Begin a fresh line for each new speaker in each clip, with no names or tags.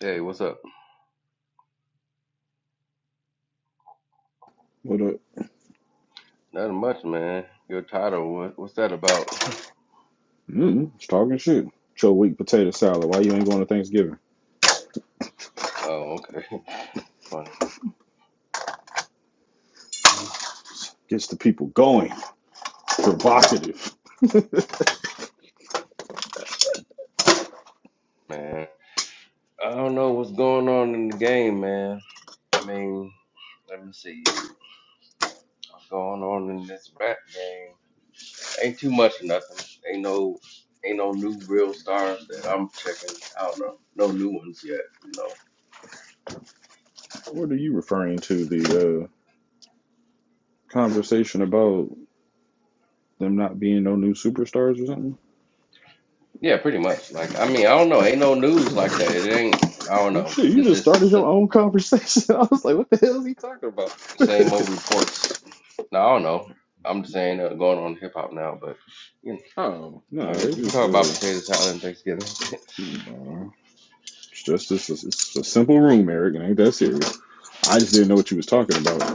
Hey, what's up?
What up?
Nothing much, man. Your title, what, what's that about?
Mm-mm, it's talking shit. It's your weak potato salad. Why you ain't going to Thanksgiving?
Oh, okay, funny,
Gets the people going. Provocative.
man. I don't know what's going on in the game, man. I mean, let me see. What's going on in this rap game? Ain't too much of nothing. Ain't no, ain't no new real stars that I'm checking. I don't know. No new ones yet, you know.
What are you referring to? The uh, conversation about them not being no new superstars or something?
Yeah, pretty much. Like, I mean, I don't know. Ain't no news like that. It ain't. I don't
Well,
know.
Shit, you
It's
just started
just the
your own conversation. I was like, what the hell is he talking about?
sa- same old reports No, I don't know. I'm just saying uh, going on hip hop now, but you
Oh,
know,
no,
I
they
guess we can
just,
talk about
uh,
potato salad and Thanksgiving,
no. It's just, it's, a, it's a simple room, Eric. It ain't that serious. I just didn't know what you was talking about.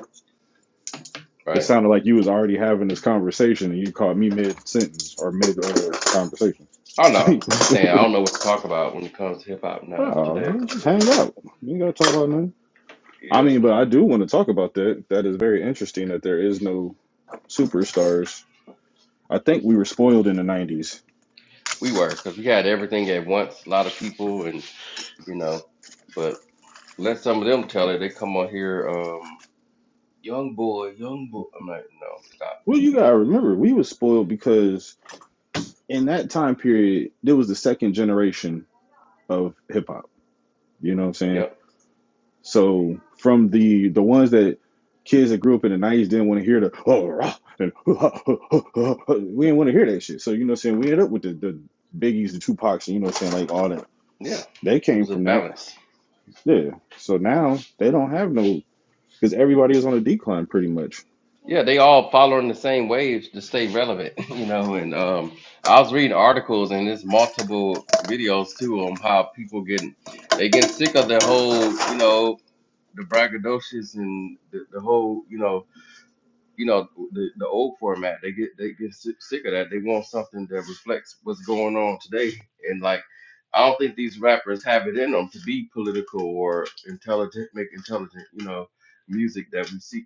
It
right?
sounded like you was already having this conversation and you caught me mid sentence or mid uh, conversation.
I don't know. Just saying, I don't know what to talk about when it comes to hip hop now
oh,
today.
just hang out. You ain't gotta talk about nothing. I
Yep,
mean, but I do want to talk about that. That is very interesting that there is no superstars. I think we were spoiled in the '90s.
we were because we had everything at once, a lot of people, and you know, but let some of them tell it. They come on here, um, young boy, young boy. I'm like, no, stop.
Well,
But
you gotta remember we was spoiled because in that time period there was the second generation of hip hop. You know what I'm saying?
yeah, yep,
So from the the ones that kids that grew up in the nineties didn't want to hear the oh rah, and we didn't want to hear that shit. So you know what I'm saying we ended up with the, the biggies, the Tupacs, and you know what I'm saying, like all that.
yeah.
They
It
came
was a
from that.
balance.
Yeah. So now they don't have no because everybody is on a decline pretty much.
Yeah, they all following the same waves to stay relevant, you know. And um, I was reading articles and there's multiple videos too on how people getting they getting sick of the whole, you know, the braggadocious and the, the whole, you know, you know, the, the old format. They get they get si- sick of that. They want something that reflects what's going on today. And like, I don't think these rappers have it in them to be political or intelligent, make intelligent, you know, music that we see.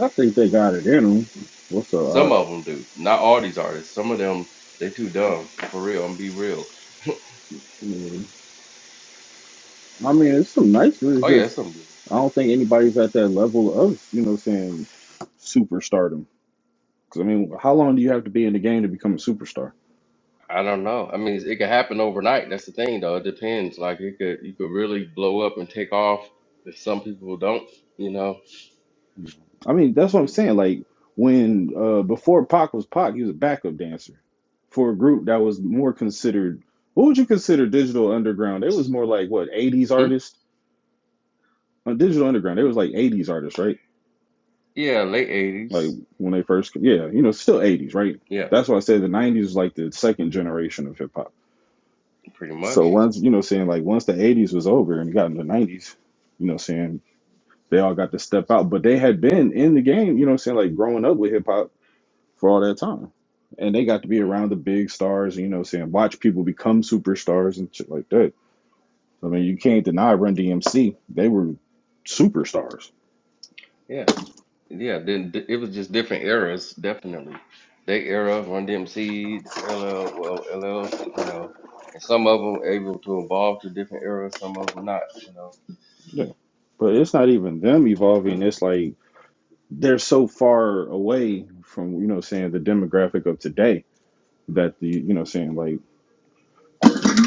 I think they got it in them. What's up?
Some
Art?
of them do. Not all these artists. Some of them they too dumb for real. I'm be real.
I mean, it's some nice.
Oh
It's
yeah, it's
just
some.
I don't think anybody's at that level of You know what I'm saying? Superstardom. Because I mean, how long do you have to be in the game to become a superstar?
I don't know. I mean, it could happen overnight. That's the thing, though. It depends. Like it could, you could really blow up and take off if some people don't. You know.
I mean, that's what I'm saying. Like when uh before Pac was Pac, he was a backup dancer for a group that was more considered. What would you consider digital underground? It was more like what 80s
Hmm?
artists on digital underground. It was like 80s artists, right?
Yeah, late
Like
'80s.
when they first, yeah, you know, still 80s, right?
Yeah,
That's why I said the 90s was like the second generation of hip hop.
pretty much.
So once you know, saying like once the 80s was over and you got in the 90s, you know, saying they all got to step out, but they had been in the game, you know, saying like growing up with hip hop for all that time. And they got to be around the big stars, you know, saying watch people become superstars and shit like that. I mean, you can't deny Run DMC. They were superstars.
Yeah, yeah. Then d- it was just different eras, definitely. They era, Run DMC, LL, well, LLs, you know, and some of them able to evolve to different eras, some of them not, you know.
Yeah. But it's not even them evolving. It's like they're so far away from, you know, saying the demographic of today that the, you know, saying like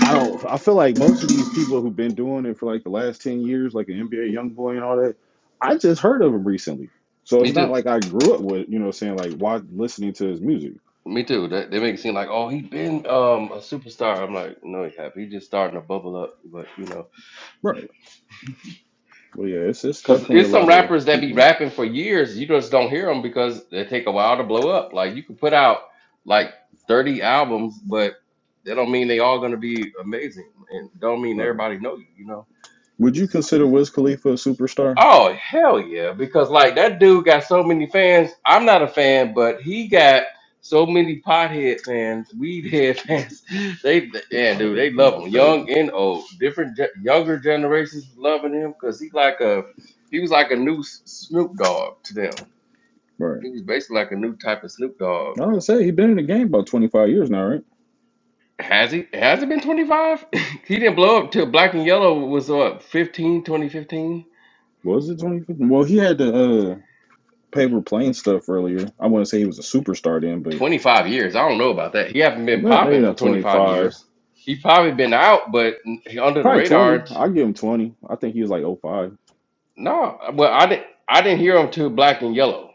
I don't. I feel like most of these people who've been doing it for like the last ten years, like an NBA young boy and all that, I just heard of him recently. So
Me
it's
too.
not like I grew up with, you know, what I'm saying like why listening to his music.
Me too. They, they make it seem like, oh, he been um a superstar. I'm like, no, he have. He just starting to bubble up. But you know,
Right. Well, yeah, it's it's
because
definitely a
there's some
lot of
rappers that be
people.
rapping for years. You just don't hear them because they take a while to blow up. Like you could put out like 30 albums, but that don't mean they all gonna be amazing, and don't mean
Right.
everybody know you. You know,
Would
it's
you
just
consider Wiz Khalifa a superstar?
Oh hell yeah! Because like that dude got so many fans. I'm not a fan, but he got so many pothead fans, weed head fans. They
The
yeah, dude,
pothead
they
thing
love
is
him, young
crazy.
and old. Different ge- younger generations loving him because he like a he was like a new S- Snoop Dogg to them.
Right.
He was basically like a new type of Snoop Dogg.
I would say he's been in the game about 25 years now, right?
Has he? Has it been 25? he didn't blow up till Black and Yellow was what 15, 2015?
Was it 25? Well, he had the uh, paper plane stuff earlier. I wouldn't say he was a superstar then, but
25 years. I don't know about that. He haven't been
not, maybe
popping for
not
25
25.
years. He probably been out, but he under the
Probably
radar. t-
20. I'll give him 20. I think he was like oh five.
No, well, I didn't. I didn't hear him till Black and Yellow,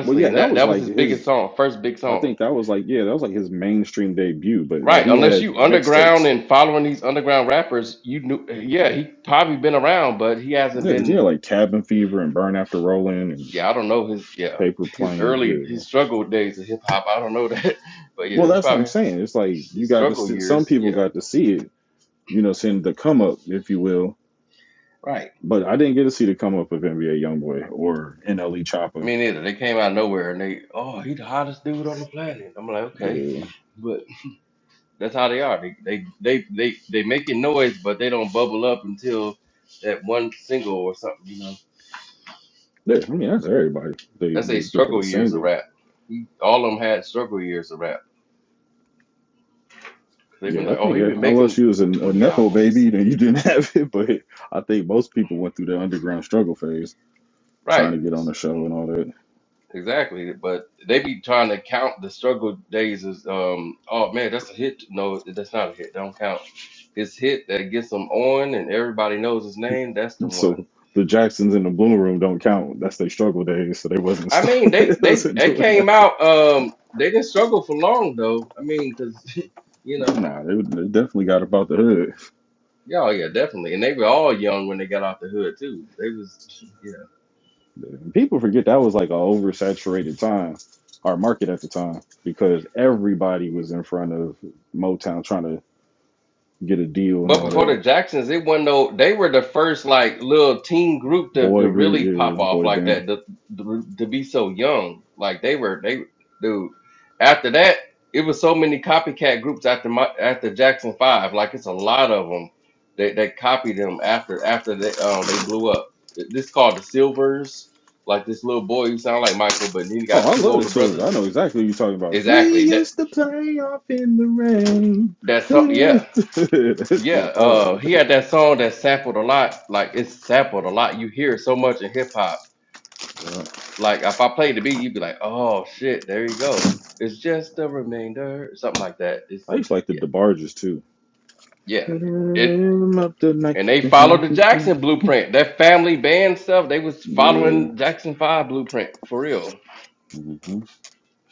Well, yeah,
and
that
that
was
that was
like
his biggest
his,
song, first big
I
song.
think that was like, yeah, that was like his mainstream debut, but like
Right,
he
unless
had
you
the
underground
mixtapes.
and following these underground rappers, you knew. Yeah, he probably been around, but he hasn't
Yeah, 'cause he
been.
had like Cabin Fever and Burn After Rolling and
Yeah, I don't know his. Yeah,
Paper
his
Plane.
early
Yeah.
his struggle days of hip hop. I don't know that, but yeah,
Well,
he
that's what I'm
probably
saying. It's like you
his
got to
struggle
see, some
years.
people
Yeah,
got to see it, you know, seeing the come up, if you will.
right.
But I didn't get to see the come up of NBA Youngboy or NLE Choppa.
Me neither. They came out of nowhere and they, oh, he the hottest dude on the planet. I'm like, okay,
Yeah.
but that's how they are. They they they they they making noise, but they don't bubble up until that one single or something. You know,
yeah, I mean, that's everybody. They
that's a
they get their
struggle years of
single.
rap. He, all of them had struggle years of rap. They've been
Yeah, I
like, oh,
think
he
yeah.
been
Unless
making
you was a, a
20
nepo
albums,
baby, then you didn't have it. But I think most people went through the underground struggle phase,
right?
trying to get on the show and all that.
Exactly, but they be trying to count the struggle days as um oh man that's a hit no that's not a hit don't count it's hit that gets them on and everybody knows his name that's the one
So the Jacksons in the Blue Room don't count. That's their struggle days. So they wasn't
I mean
st-
they
they
they
wasn't
they
doing
came
that.
out um they didn't struggle for long though I mean because you know
Nah, they, they definitely got about the hood.
yeah oh, yeah definitely and they were all young when they got out the hood too they was
And people forget that was like a oversaturated time, our market at the time, because everybody was in front of Motown trying to get a deal and
But
all
before
that.
the Jacksons, it wasn't no. They were the first like little teen group to, to
Boy group,
really pop
yeah,
off
boy
like
band.
that. To, to, to be so young, like they were. They dude. After that, it was so many copycat groups after my after Jackson Five. Like it's a lot of them that that copied them after after they um they blew up. This is called the Silvers. Like this little boy who sounded like Michael, but then he
Oh,
got
I
two
love
older
this song. I
brothers.
know exactly what you're talking about. We
Exactly. That
used to play off in the rain.
that's so- yeah.
this
Yeah,
is
uh,
hard.
he had that song that sampled a lot. Like it's sampled a lot. You hear it so much in hip hop.
Yeah.
Like if I played the beat, you'd be like, "Oh shit, there you go." It's just a remainder, or something like that.
I
It's
used to like the
yeah,
DeBarges too.
yeah. It
I'm up tonight.
and they followed the Jackson blueprint. That family band stuff, they was
Yeah.
following Jackson Five blueprint for real.
hmm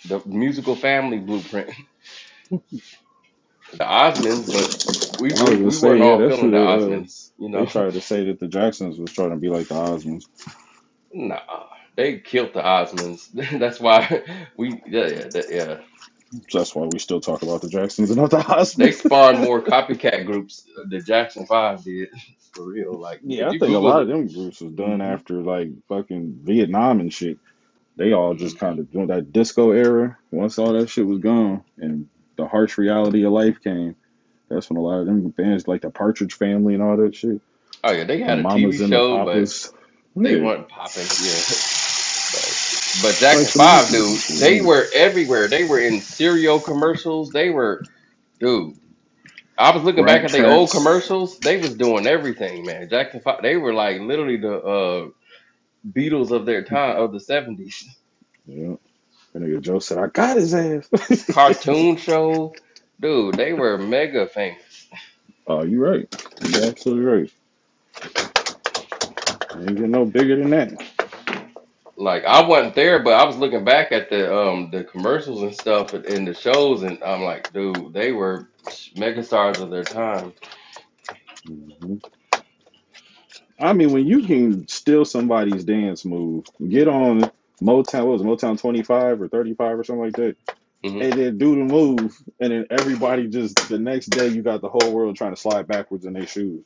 The musical family blueprint. The Osmonds, but we
I
were,
was gonna
we weren't
say, yeah,
all
that's
feeling the
who they uh
Osmonds, you know.
they tried to say that the Jacksons was trying to be like the Osmonds.
Nah, they killed the Osmonds. That's why we, yeah, yeah, that- yeah.
So that's why we still talk about the Jacksons and not the
They
Osmonds.
spawned more copycat groups than Jackson Five did, for real. Like if
yeah, I
you
think a
Google
lot
the
of them groups was done
hmm
after like fucking Vietnam and shit. They all just
hmm
kind of doing that disco era. Once all that shit was gone and the harsh reality of life came, that's when a lot of them bands like the Partridge Family and all that shit,
oh yeah, they
the
had a TV
Mamas and the
show, but
Papas, yeah,
they weren't popping. Yeah, but but
like
Jackson
the
Five, dude,
monkeys
they
and shit,
were everywhere. They were in cereal commercials. They were, dude. I was
yeah.
looking back
rat
at the old
traps.
commercials. They was doing everything, man. Jackson Five, they were like literally the uh Beatles of their time of the seventies.
Yeah, that nigga Joe said I got his ass.
cartoon show. Dude, they were mega famous.
Oh, you right. you absolutely right. I Ain't getting no bigger than that.
Like I wasn't there, but I was looking back at the um the commercials and stuff and, and the shows, and I'm like, dude, they were mega stars of their time.
hmm I mean, when you can steal somebody's dance move, get on Motown, what was it, Motown 25 or 35 or something like that,
hmm
and then do the move, and then everybody just the next day you got the whole world trying to slide backwards in their shoes.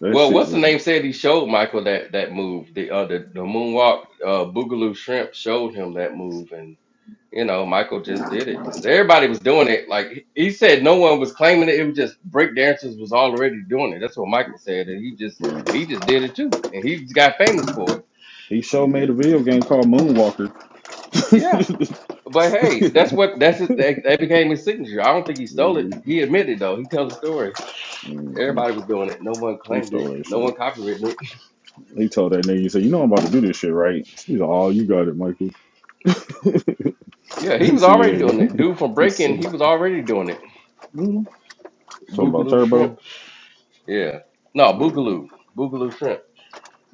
That
Well,
shit
what's the
was.
name said he showed Michael that that move, the uh the, the moonwalk, uh Boogaloo Shrimp showed him that move, and. You know, Michael just did it because everybody was doing it. Like he said, no one was claiming it. It was just break dancers was already doing it. That's what Michael said, and he just
Bro.
he just did it too, and he just got famous for it.
He sure made a video game called Moonwalker.
Yeah, but hey, that's what that's his, that, that became his signature. I don't think he stole it. He admitted though. He tells the story.
Mhm.
Everybody was doing it. No one
he
claimed it.
stole that
No
shit.
one copyrighted it.
He told that nigga, he said, "You know I'm about to do this shit, right?" He's like, "Oh, you got it, Michael."
Yeah, he
he
was
said,
already
"Yeah."
doing
yeah."
it. Dude from
He
Breaking,
said,
he was already doing it.
"Mhm." "Talking about
Boogaloo shrimp.
Turbo,
Yeah. No,
Yeah,
Boogaloo. Boogaloo shrimp.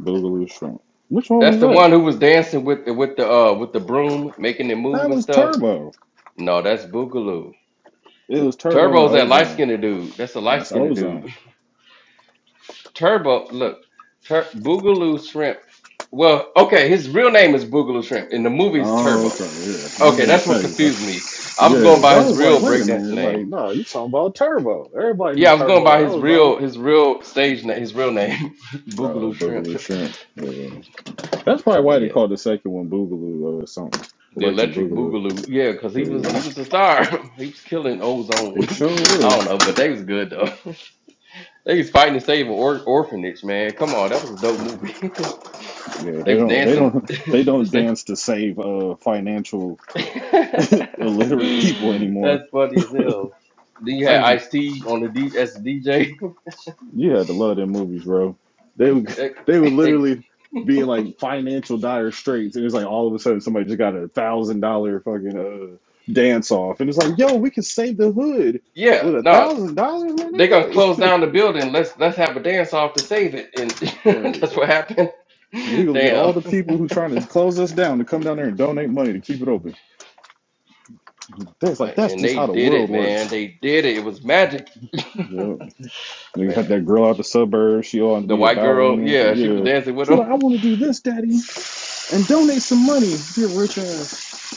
Boogaloo Shrimp. Which one
That's
was
the
that?
one who was dancing with the with the uh with the broom, making it move
That
and
was
stuff.
Turbo.
No, that's Boogaloo.
It was Turbo and
Turbo's that light
Ozone.
skinned dude. That's a light
That's
skinned
Ozone."
dude. Turbo, look, Tur- Boogaloo Shrimp. Well, okay, his real name is Boogaloo Shrimp. In the movie's
Oh, okay.
Turbo.
Yeah, I was
Okay,
gonna
that's what
say,
confused
but-
me. I
yeah.
was going
'cause
by
I
his
was
real
like, wait a
breakdancer
minute,
name.
like, no, you talking about Turbo? Everybody knew
Yeah, I was going
Turbo
by
and
his real
Ozone.
his real stage name, his real name,
No,
Boogaloo Shrimp.
Boogaloo Shrimp. Yeah, that's probably
But
why
yeah.
they called the second one Boogaloo or something.
The
Electric
Electric
Boogaloo.
Boogaloo, yeah, because he was he
Yeah,
was a star. he was killing ozone.
they sure
I don't
is.
know, but they was good though. they was fighting to save an or- orphanage, man. Come on, that was a dope movie.
Yeah,
they
they
was
don't, they
dancing
don't, they
to
don't
save.
dance to save uh financial
That's
illiterate people anymore.
funny as hell. Then you had Ice T on the D as the DJ.
You had to love them movies, bro. They would
they,
they would
they,
literally be in like financial dire straits, and it's like all of a sudden somebody just got a thousand dollar fucking uh, dance off, and it's like, yo, we can save the hood
yeah,
with a
no,
thousand dollars, my
they're gonna
nigga.
close
Like,
down the building. Let's let's have a dance off to save it, and
right?
that's what happened.
We gonna get all
Damn.
the people who trying to close us down to come down there and donate money to keep it open. That's
Uh,
like that's
and
just
they
how the
did
world
it, man.
works.
They did it. It was magic,
Yeah, they
man.
got that girl out the suburbs. She ought to
The
be a
white girl,
ballerina or
yeah,
something.
she was
Yeah,
dancing with
she
them.
like, I want to do this, daddy, and donate some money. Be a rich ass.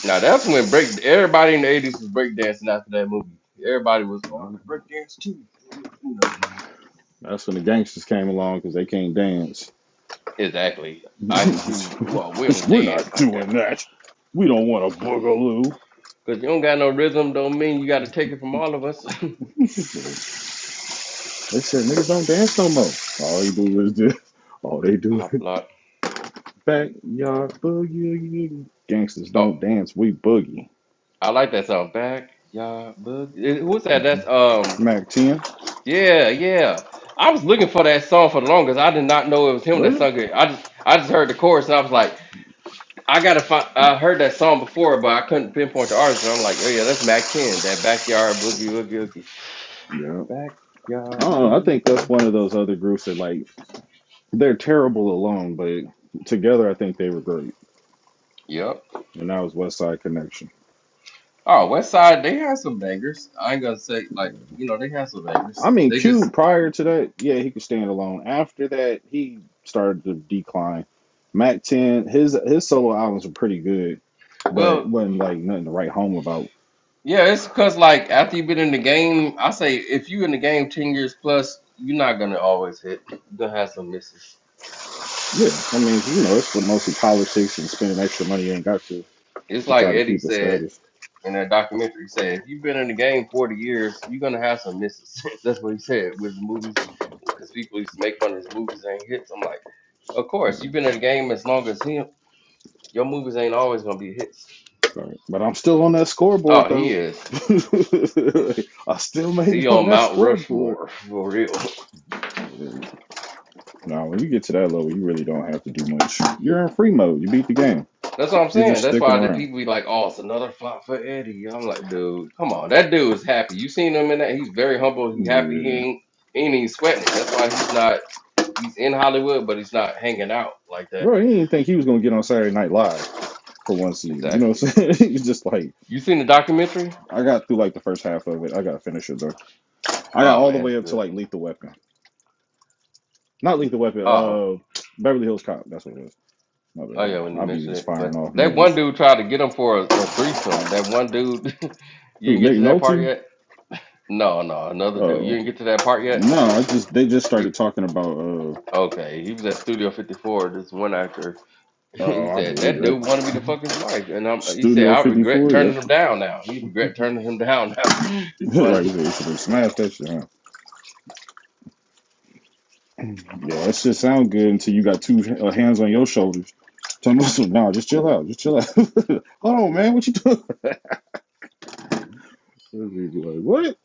Now that's when break. Everybody in the eighties was break dancing after that movie. Everybody was, oh, I can break dance too, you know.
That's when the gangsters came along because they can't dance.
Exactly. Ice Cube. Well, we don't
We're
dance
not
like that
doing that. We don't want a boogaloo.
because you don't got no rhythm. Don't mean you got to take it from all of us.
They said niggas don't dance no more. All they do is just, all they do
Pop
is
lock.
backyard boogie. Gangsters
Oh,
don't dance, we boogie.
I like that song. Back, yeah, bug. Who's that? That's
Mm-hmm.
um.
Mac 10.
Yeah, yeah. I was looking for that song for the longest. I did not know it was him that
Really?
sung it. I just I just heard the chorus and I was like, I gotta find. I heard that song before, but I couldn't pinpoint the artist. And I'm like, oh yeah, that's Mac Ten, that backyard boogie woogie woogie,
Yeah. I
backyard
don't know. I
boogie.
think that's
woogie.
one of those other groups that like they're terrible alone, but together I think they were great.
Yep.
And that was West Side Connection.
Oh, West Side, they had some bangers. I ain't gonna say like you know they had some
I
bangers.
mean,
They
Q
just
prior to that, yeah, he could stand alone. After that, he started to decline. Mac Ten, his his solo albums were pretty good, but
well.
wasn't like nothing to write home about.
Yeah, it's because like after you've been in the game, I say if you in the game ten years plus, you're not gonna always hit. You're gonna have some misses.
Yeah, I mean, you know, it's mostly politics and spending extra money you ain't got to
it's
to
like
try to
Eddie
keep a
said
status.
in that documentary. He said, if you've been in the game 40 years, you're going to have some misses. That's what he said with his movies, because people used to make fun of his movies ain't hits. I'm like, of course, you've
Mm,
been in the game as long as him. Your movies ain't always going to be hits.
Sorry, but I'm still on that scoreboard
Oh, he
though.
is.
I still made it
He
on
on
that
Mount
scoreboard.
Rushmore, for real.
Now, when you get to that level, you really don't have to do much. You're in free mode. You beat the game.
That's what I'm
You're
saying.
just
That's
sticking
why the
around.
people be like, oh, it's another flop for Eddie. I'm like, dude, come on. That dude is happy. You seen him in that? He's very humble. He happy. He
Yeah.
ain't, he ain't even sweating it. That's why he's not. he's in Hollywood, but he's not hanging out like that.
Bro, he didn't think he was gonna get on Saturday Night Live for one season. You know
Exactly.
what I'm saying? he was just like,
You seen the documentary?
I got through like the first half of it. I gotta finish it though. I got
Oh
all the
man, it's
way up to
good.
like Lethal Weapon. Not Lethal Weapon,
Oh,
uh Beverly Hills Cop, that's what it was. My
oh
bad.
yeah, when you
I'll be
mentioned
just
it,
firing
but
off
that one
movies.
dude tried to get him for a, a threesome. That one dude, you
Who,
didn't get
Nick
to that part
Nolte?
yet. No, no, another dude. You
Oh.
didn't get to that part yet.
No, I just they just
He,
started talking about uh
okay, he was at Studio 54. This one actor, he
oh, I
said
believe
that dude
that.
wanted me to fuck his wife, and i he said
Studio
I
fifty
regret
four,
turning
yep.
him down now. He regret turning him down now. It's funny.
right there. You Should have smashed that shit. huh? Yeah, that shit sound good until you got two uh, hands on your shoulders. Tell me some, nah, just chill out, just chill out. Hold on, man, what you doing? They'd be like, what?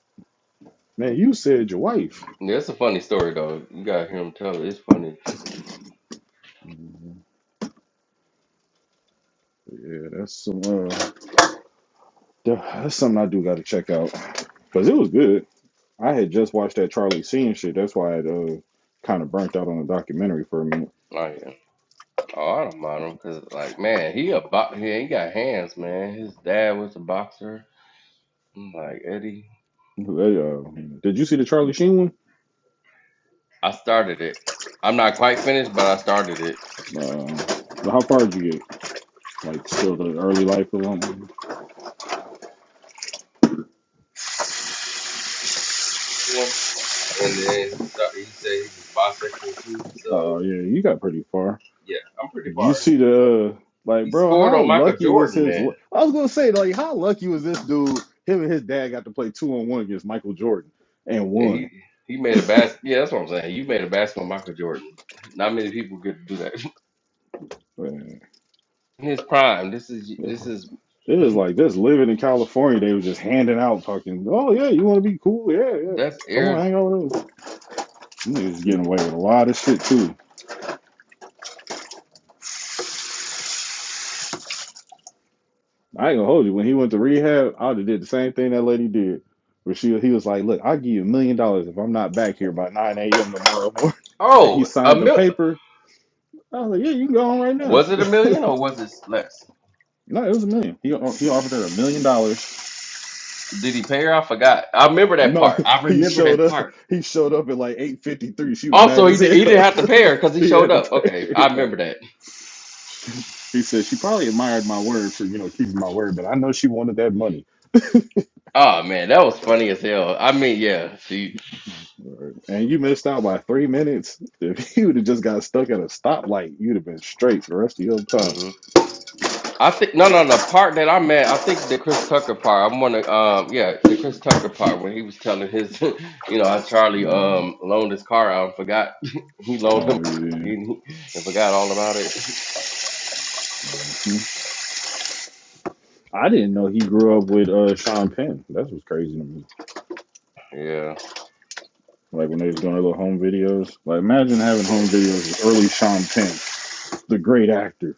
Man, you said your wife.
Yeah, it's a funny story though. You gotta hear him tell it. It's funny.
Mhm. Yeah, that's some. Uh, that- that's something I do got to check out because it was good. I had just watched that Charlie Sheen shit. That's why I uh, kind of burnt out on the documentary for a minute.
Like, Oh, I don't mind him because, like, man, he a bo- he ain't got hands, man. His dad was a boxer. I'm like Eddie,
They, uh, did you see the Charlie Sheen one?
I started it. I'm not quite finished, but I started it.
Uh, how far did you get? Like still the early life of them?
One, and then he start, he said he was bisexual too. So
Uh, yeah, you got pretty far.
yeah, I'm pretty
you
far in
see
it.
the like,
He
bro?
scored
How
on Michael
lucky was
Jordan,
his?
man,
I was gonna say like, how lucky was this dude? Him and his dad got to play two on one against Michael Jordan and
and he
won.
he made a bas. Yeah, that's what I'm saying. You made a basket on Michael Jordan. Not many people get to do that
Man,
in his prime. This is this
It
is
was like just living in California. They were just handing out fucking. Oh yeah, you want to be cool? Yeah, yeah.
that's
Come on,
air.
hang out with us. He was getting away with a lot of shit too. I ain't gonna hold you. When he went to rehab, I would have did the same thing that lady did. Where she, he was like, "Look, I'll give you a million dollars if I'm not back here by 9 a.m. tomorrow morning." And he
Oh, a
signed the
mil.
paper, I was like, yeah, you can go on right now.
Was it a million or was it less?
No, it was a million. He uh, he offered her a million dollars.
Did he pay her? I forgot. I remember that
No,
part. I
he
remember
showed
that
up.
part.
He showed up at like eight fifty three. She was mad
Also, he,
as
di- he didn't
hell.
have to pay her because he
he
showed
had to
up.
pay.
Okay, I
Right.
remember that.
He said she probably admired my word for you know keeping my word, but I know she wanted that money.
Oh man, that was funny as hell. I mean, yeah, she.
Right. And you missed out by three minutes. If you would have just got stuck at a stoplight, you'd have been straight for the rest of your time.
hmm I think no, no, the part that I'm at, I think the Chris Tucker part. I'm gonna, um, yeah, the Chris Tucker part when he was telling his, you know, how Charlie
Mm.
um loaned his car out and forgot he loaned him
Oh yeah.
and, and forgot all about it.
Hmm. I didn't know he grew up with uh, Sean Penn. That's what's crazy to me.
Yeah,
Like when they was doing their little home videos. Like imagine having home videos with early Sean Penn, the great actor.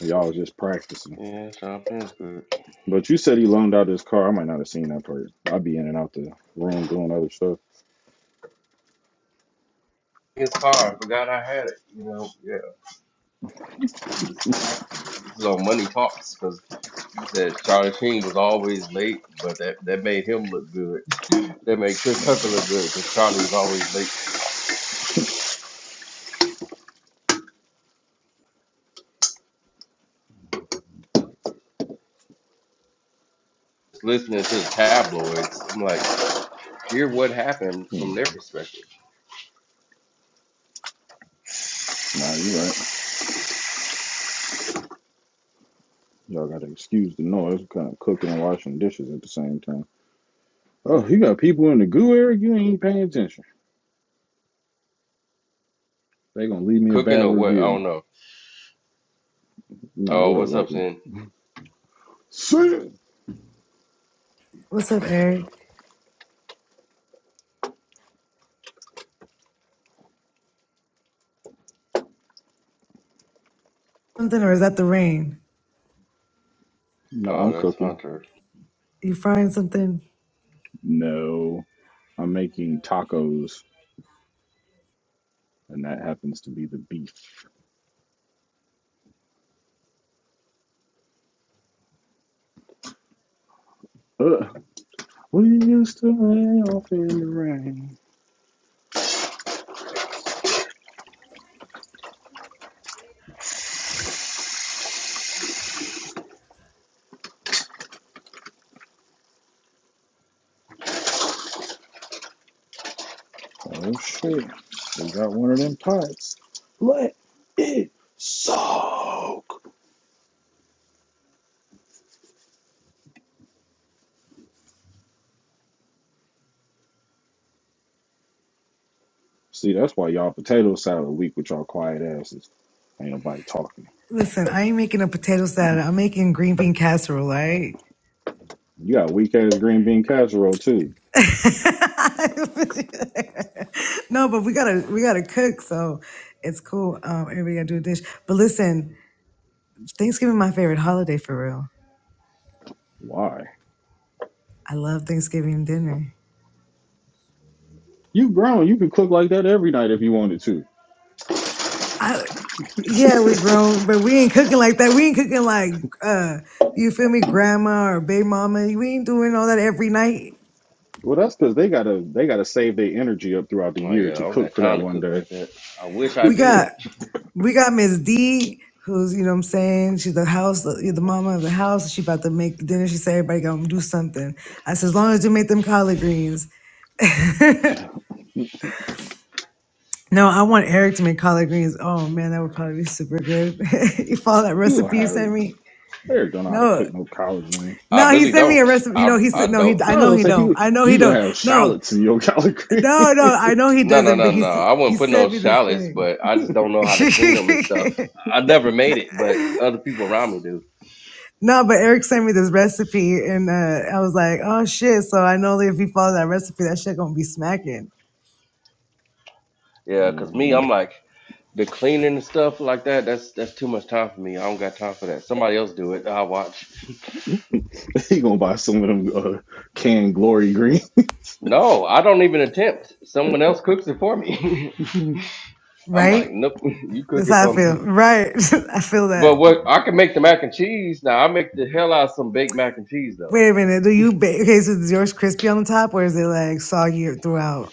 Y'all was just practicing.
yeah, Sean Penn's good.
But you said he loaned out his car. I might not have seen that part. I'd be in and out the room doing other stuff.
His car, I forgot I had it. You know, yeah. So money talks because he said Charlie Sheen was always late, but that, that made him look good. that made Chris Tucker look good because Charlie was always late. Just listening to the tabloids, I'm like, hear what happened
Hmm.
from their perspective.
Nah, you right. Y'all gotta excuse the noise. we kind of cooking and washing dishes at the same time. Oh, you got people in the goo, Eric? You ain't paying attention. They gonna leave
You
me a
cooking
bad
or what? I don't
review.
know.
Nah,
Oh,
what up,
what's up,
Wifey?
Sin?
Shit.
What's up, Eric? Something or is that the rain?
Nah,
Oh,
I'm
that's
cooking.
Hunter.
You frying something?
No, I'm making tacos, and that happens to be the beef. Uh, we used to lay off in the rain. Oh shit, we got one of them pipes. Let it soak. See, that's why y'all potato salad weak with y'all quiet asses. Ain't nobody talking.
Listen, I ain't making a potato salad. I'm making green bean casserole, all right?
You got weak ass green bean casserole too.
no, but we gotta we gotta cook, so it's cool. Um, everybody gotta do a dish. But listen, Thanksgiving my favorite holiday for real.
Why?
I love Thanksgiving dinner.
You grown. You can cook like that every night if you wanted to.
I yeah, we grown, but we ain't cooking like that. We ain't cooking like uh you feel me, grandma or baby mama. We ain't doing all that every night.
Well, that's because they gotta they gotta save their energy up throughout the
Oh
year
yeah, I
to
don't
cook
got
for that
time to
one
cook
day.
like that. I wish I
We got
did.
we got Miss D, who's you know what I'm saying she's the house, the, the mama of the house. She about to make the dinner. She said everybody gonna do something. I said as long as you make them collard greens. No, I want Eric to make collard greens. Oh man, that would probably be super good. you follow that
You don't
recipe you
have
sent me?
they don't know how to
No,
cook no collard greens.
I
no, he
really
sent me a
don't.
recipe. You know,
I
he
I
said no. He
don't.
I
I was
know
gonna
he
say
don't.
he
I know he
you gonna
don't.
have
No,
shallots in your collard green.
no, no. I know he
no, no,
doesn't.
no,
But he
no.
s-
I
he
wouldn't put no
sent me this
shallots,
thing.
but I just don't know how to clean them and stuff. I never made it, but other people around me do.
No, but Eric sent me this recipe, and uh, I was like, "Oh shit!" So I know that if you follow that recipe, that shit gonna be smacking,
Yeah, cause me, I'm
Mm.
like the cleaning and stuff like that. That's that's too much time for me. I don't got time for that. Somebody else do it. I'll watch.
he gonna buy some of them uh, canned glory green.
No, I don't even attempt. Someone else cooks it for me.
My
I'm
right?
like, nope, you cook
That's
it
how I
for
feel.
me.
Right, I feel
But
that.
what I can make the mac and cheese now. I make the hell out of some baked mac and cheese though.
Wait a minute, do you bake? Okay, so is yours crispy on the top, or is it like soggy throughout?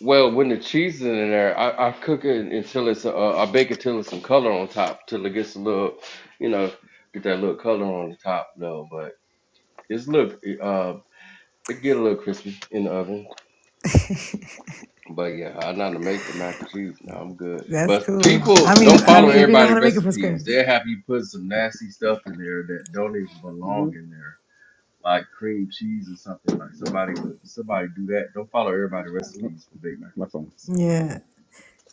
Well, when the cheese is in there, I, I cook it until it's uh, I bake it till it's some color on top, till it gets a little, you know, get that little color on the top though. But it's look, uh, it get a little crispy in the oven. But yeah, I know how to make the mac and cheese. Now I'm good.
That's
But
cool. I
people
mean,
don't
I
follow
mean, if you know
everybody'
how to make it from
recipes.
scratch,
They'll have you put some nasty stuff in there that don't even belong in there, like cream cheese or something. Like somebody would somebody do that. Don't follow everybody' recipes for baked mac and
phone.
cheese.
yeah.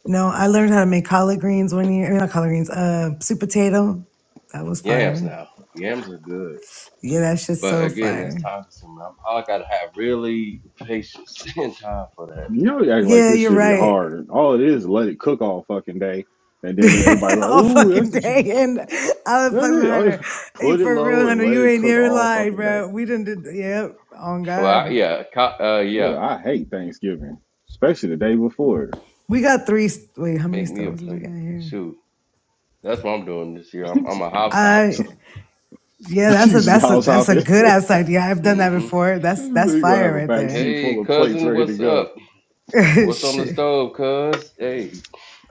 No, I learned how to make collard greens one year. I mean, not collard greens, uh, sweet potato. That was
Yams
fire.
now, yams are good,
Yeah, that shit's
but
so
again, that's
fire.
time consuming. I'm, I gotta have really patience and time for that.
You know, you act like
Yeah,
this
you're
should be
right.
hard. All it is, let it cook all fucking day, and then everybody like,
all
ooh, that's
fucking
the shit.
day, and I was
That's
fucking with
it. Oh, yeah.
Hunter. Hey,
Put it
for real,
low and
Hunter,
let
you
it
ain't
cook
never
all
lied,
fucking day.
bro. We didn't did, yep, on
Well, I,
God.
yeah, co- uh, yeah,
Yeah, I hate Thanksgiving, especially the day before.
We got three, wait, how many
make me a
stoves do we
plate.
got here?
Shoot, that's what I'm doing this year. I'm, I'm a house hop.
I,
so
yeah,
you
that's a,
just
that's a,
house
that's
hop
a
it.
good
you
ass idea. I've done that
hmm
before. That's, that's
gonna
fire
have a
right
back seat
there.
Hey,
full of plates
cousin,
ready to
what's
go.
up? What's on the
Shit,
stove, cuz? Hey,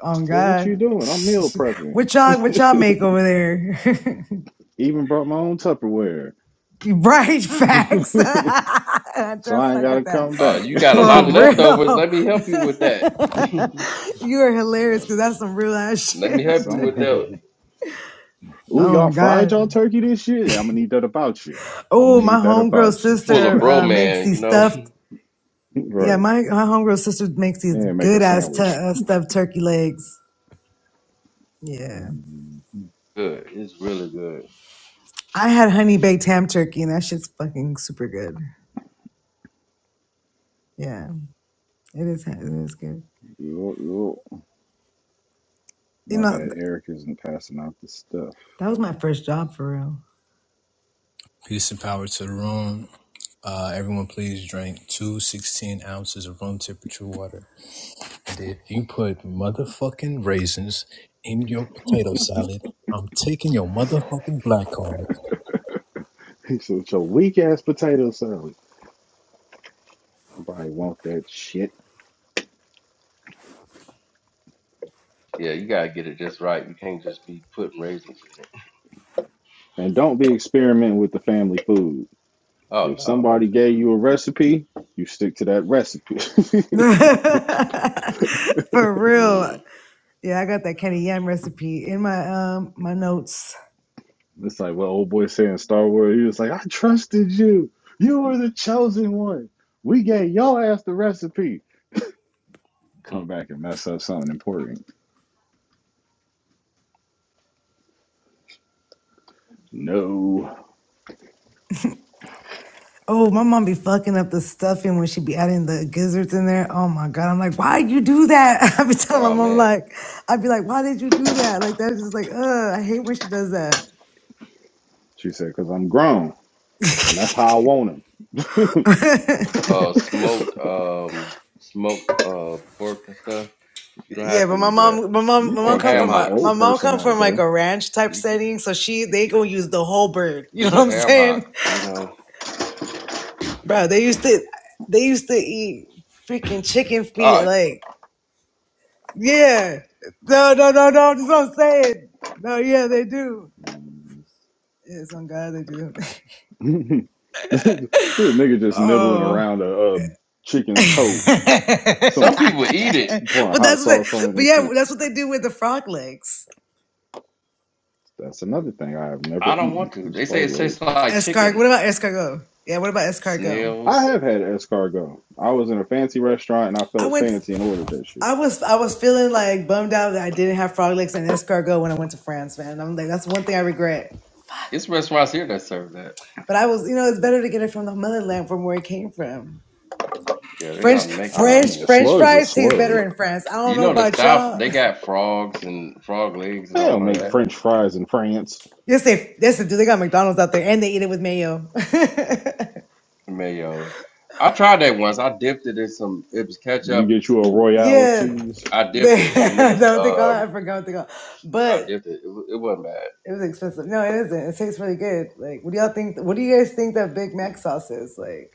on
Like, what you
God.
doing? I'm meal prepping.
what y'all, what y'all make over there?
Even brought my own Tupperware.
Right, facts. I
so
try to
I ain't
fuck with
gotta
that.
come
uh,
back.
you got a
For
lot of leftovers.
real.
Let me help you with that. Let
you are hilarious
Right.
because that's some real ass
me
shit.
help
so
you with
I'm-
that.
Ooh,
oh
y'all fried y'all
God.
turkey this year? Yeah, I'm gonna need that about you. I'm gonna
Oh, my
need that
homegirl
about you.
Full of
sister
bro,
uh, makes
man,
these
you know?
stuffed yeah,
right.
my, my homegirl sister makes these
And make a
good ass tu-
sandwich.
uh, stuffed turkey legs. Yeah.
Mm,
Good. It's really good.
I had honey baked ham turkey and that shit's fucking super good. Yeah. It is it is good.
yup, yup.
You
My
know,
bad,
th-
Eric isn't passing out the stuff.
that was my first job for real.
Peace and power to the room. Uh, everyone, please drink two 16 ounces of room temperature water. And if you put motherfucking raisins in your potato salad, I'm taking your motherfucking black card
He said, "It's your weak ass potato salad. Nobody want that shit.
Yeah, you gotta get it just right. You can't just be putting raisins in it.
And don't be experimenting with the family food. If
Oh,
somebody gave you a recipe, you stick to that recipe.
For real.
no.
Yeah, I got that Kenny Yam recipe in my um my notes.
it's like what old boy said in Star Wars. He was like, I trusted you. You were the chosen one. We gave your ass the recipe.
Mm.
Come back and mess up something important. No.
Oh, my mom be fucking up the stuffing when she be adding the gizzards in there. Oh my god, I'm like, why you do that? I be telling
Oh,
my mom
man.
like, I'd be like, why did you do that? Like that's just like, uh, I hate when she does that.
She said, because I'm grown. And that's how I want him."
Uh, smoked, um, smoked, uh, pork and stuff. You don't
Yeah,
have to
but my
use that.
mom, my mom,
you
my mom
Or
can't
come
tell
ham
from
no
a
old
my
hocks.
mom
person
come
that,
from like
though.
a ranch type
You can,
setting, so she
you
they
can
gonna use the whole bird. You
use
know what
a
I'm
ham hock,
saying,
you know?
bro? They used to they used to eat freaking chicken feet
Oh,
like Yeah. No, no, no, no. That's what I'm saying. No, yeah, they do. Yes, I'm glad they do.
this nigga just nibbling
Oh.
around a, a
but
chicken's toe,
that's
some people eat it.
pouring hot
what they,
sauce on it
but
and
yeah,
shit.
that's what they do with the frog legs.
That's another thing I have
I
never
don't
eaten
want to.
was
They say it
frog
tastes
legs.
like
Escargot.
chicken,
What about escargot? Yeah, what about escargot?
I
snails.
have had escargot. I was in a fancy restaurant and I
I
felt
went
fancy and ordered that shit.
I was I was feeling like bummed out that I didn't have frog legs and escargot when I went to France, man. I'm like, that's one thing I regret.
It's restaurants here that serve that.
But I was, you know, it's better to get it from the motherland from where it came from.
Yeah, they know how
French
to make it.
I mean,
French
a
French
slug's a
fries taste better in
slug.
France. I don't
You
know
know the
about
South,
y'all.
they got frogs and frog legs and
They
all
don't
of
make
that.
French fries in France.
Yes, they yes they do. They got McDonald's out there and they eat it with mayo.
Mayo. I tried that once. I dipped it in some. It was
You
ketchup
get you a
and
Royale with
yeah,
cheese.
I dipped
they is
it, and it
that
was
what they call it?
um.
I forgot what they call. It.
I
But
dipped it. It, wa- it wasn't bad.
it was expensive. No, it isn't. It tastes really good. Like, what do y'all think? What do you guys think that Big Mac sauce is? Like,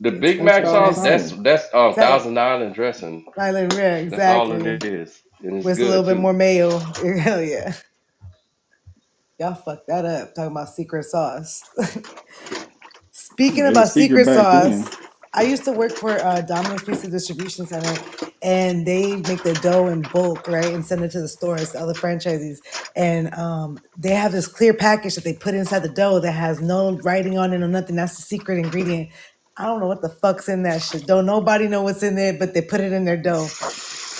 The
it's
Big
It's
Mac
fucking
Thousand
sauce, that's
Island.
dressing.
that's um
Ta-
thousand island dressing.
Island Rare,
That's all it
exactly.
is, and it's
With a little
good
bit
too.
more mayo. Hell yeah. Y'all fucked that up. Talking about secret sauce. Speaking
It was
about
secret
secret
back then.
sauce, I used to work for uh, Domino's Pizza Distribution Center, and they make the dough in bulk, right, and send it to the stores, to other franchisees. And um, they have this clear package that they put inside the dough that has no writing on it or nothing. That's the secret ingredient. I don't know what the fuck's in that shit. Don't nobody know what's in there, but they put it in their dough.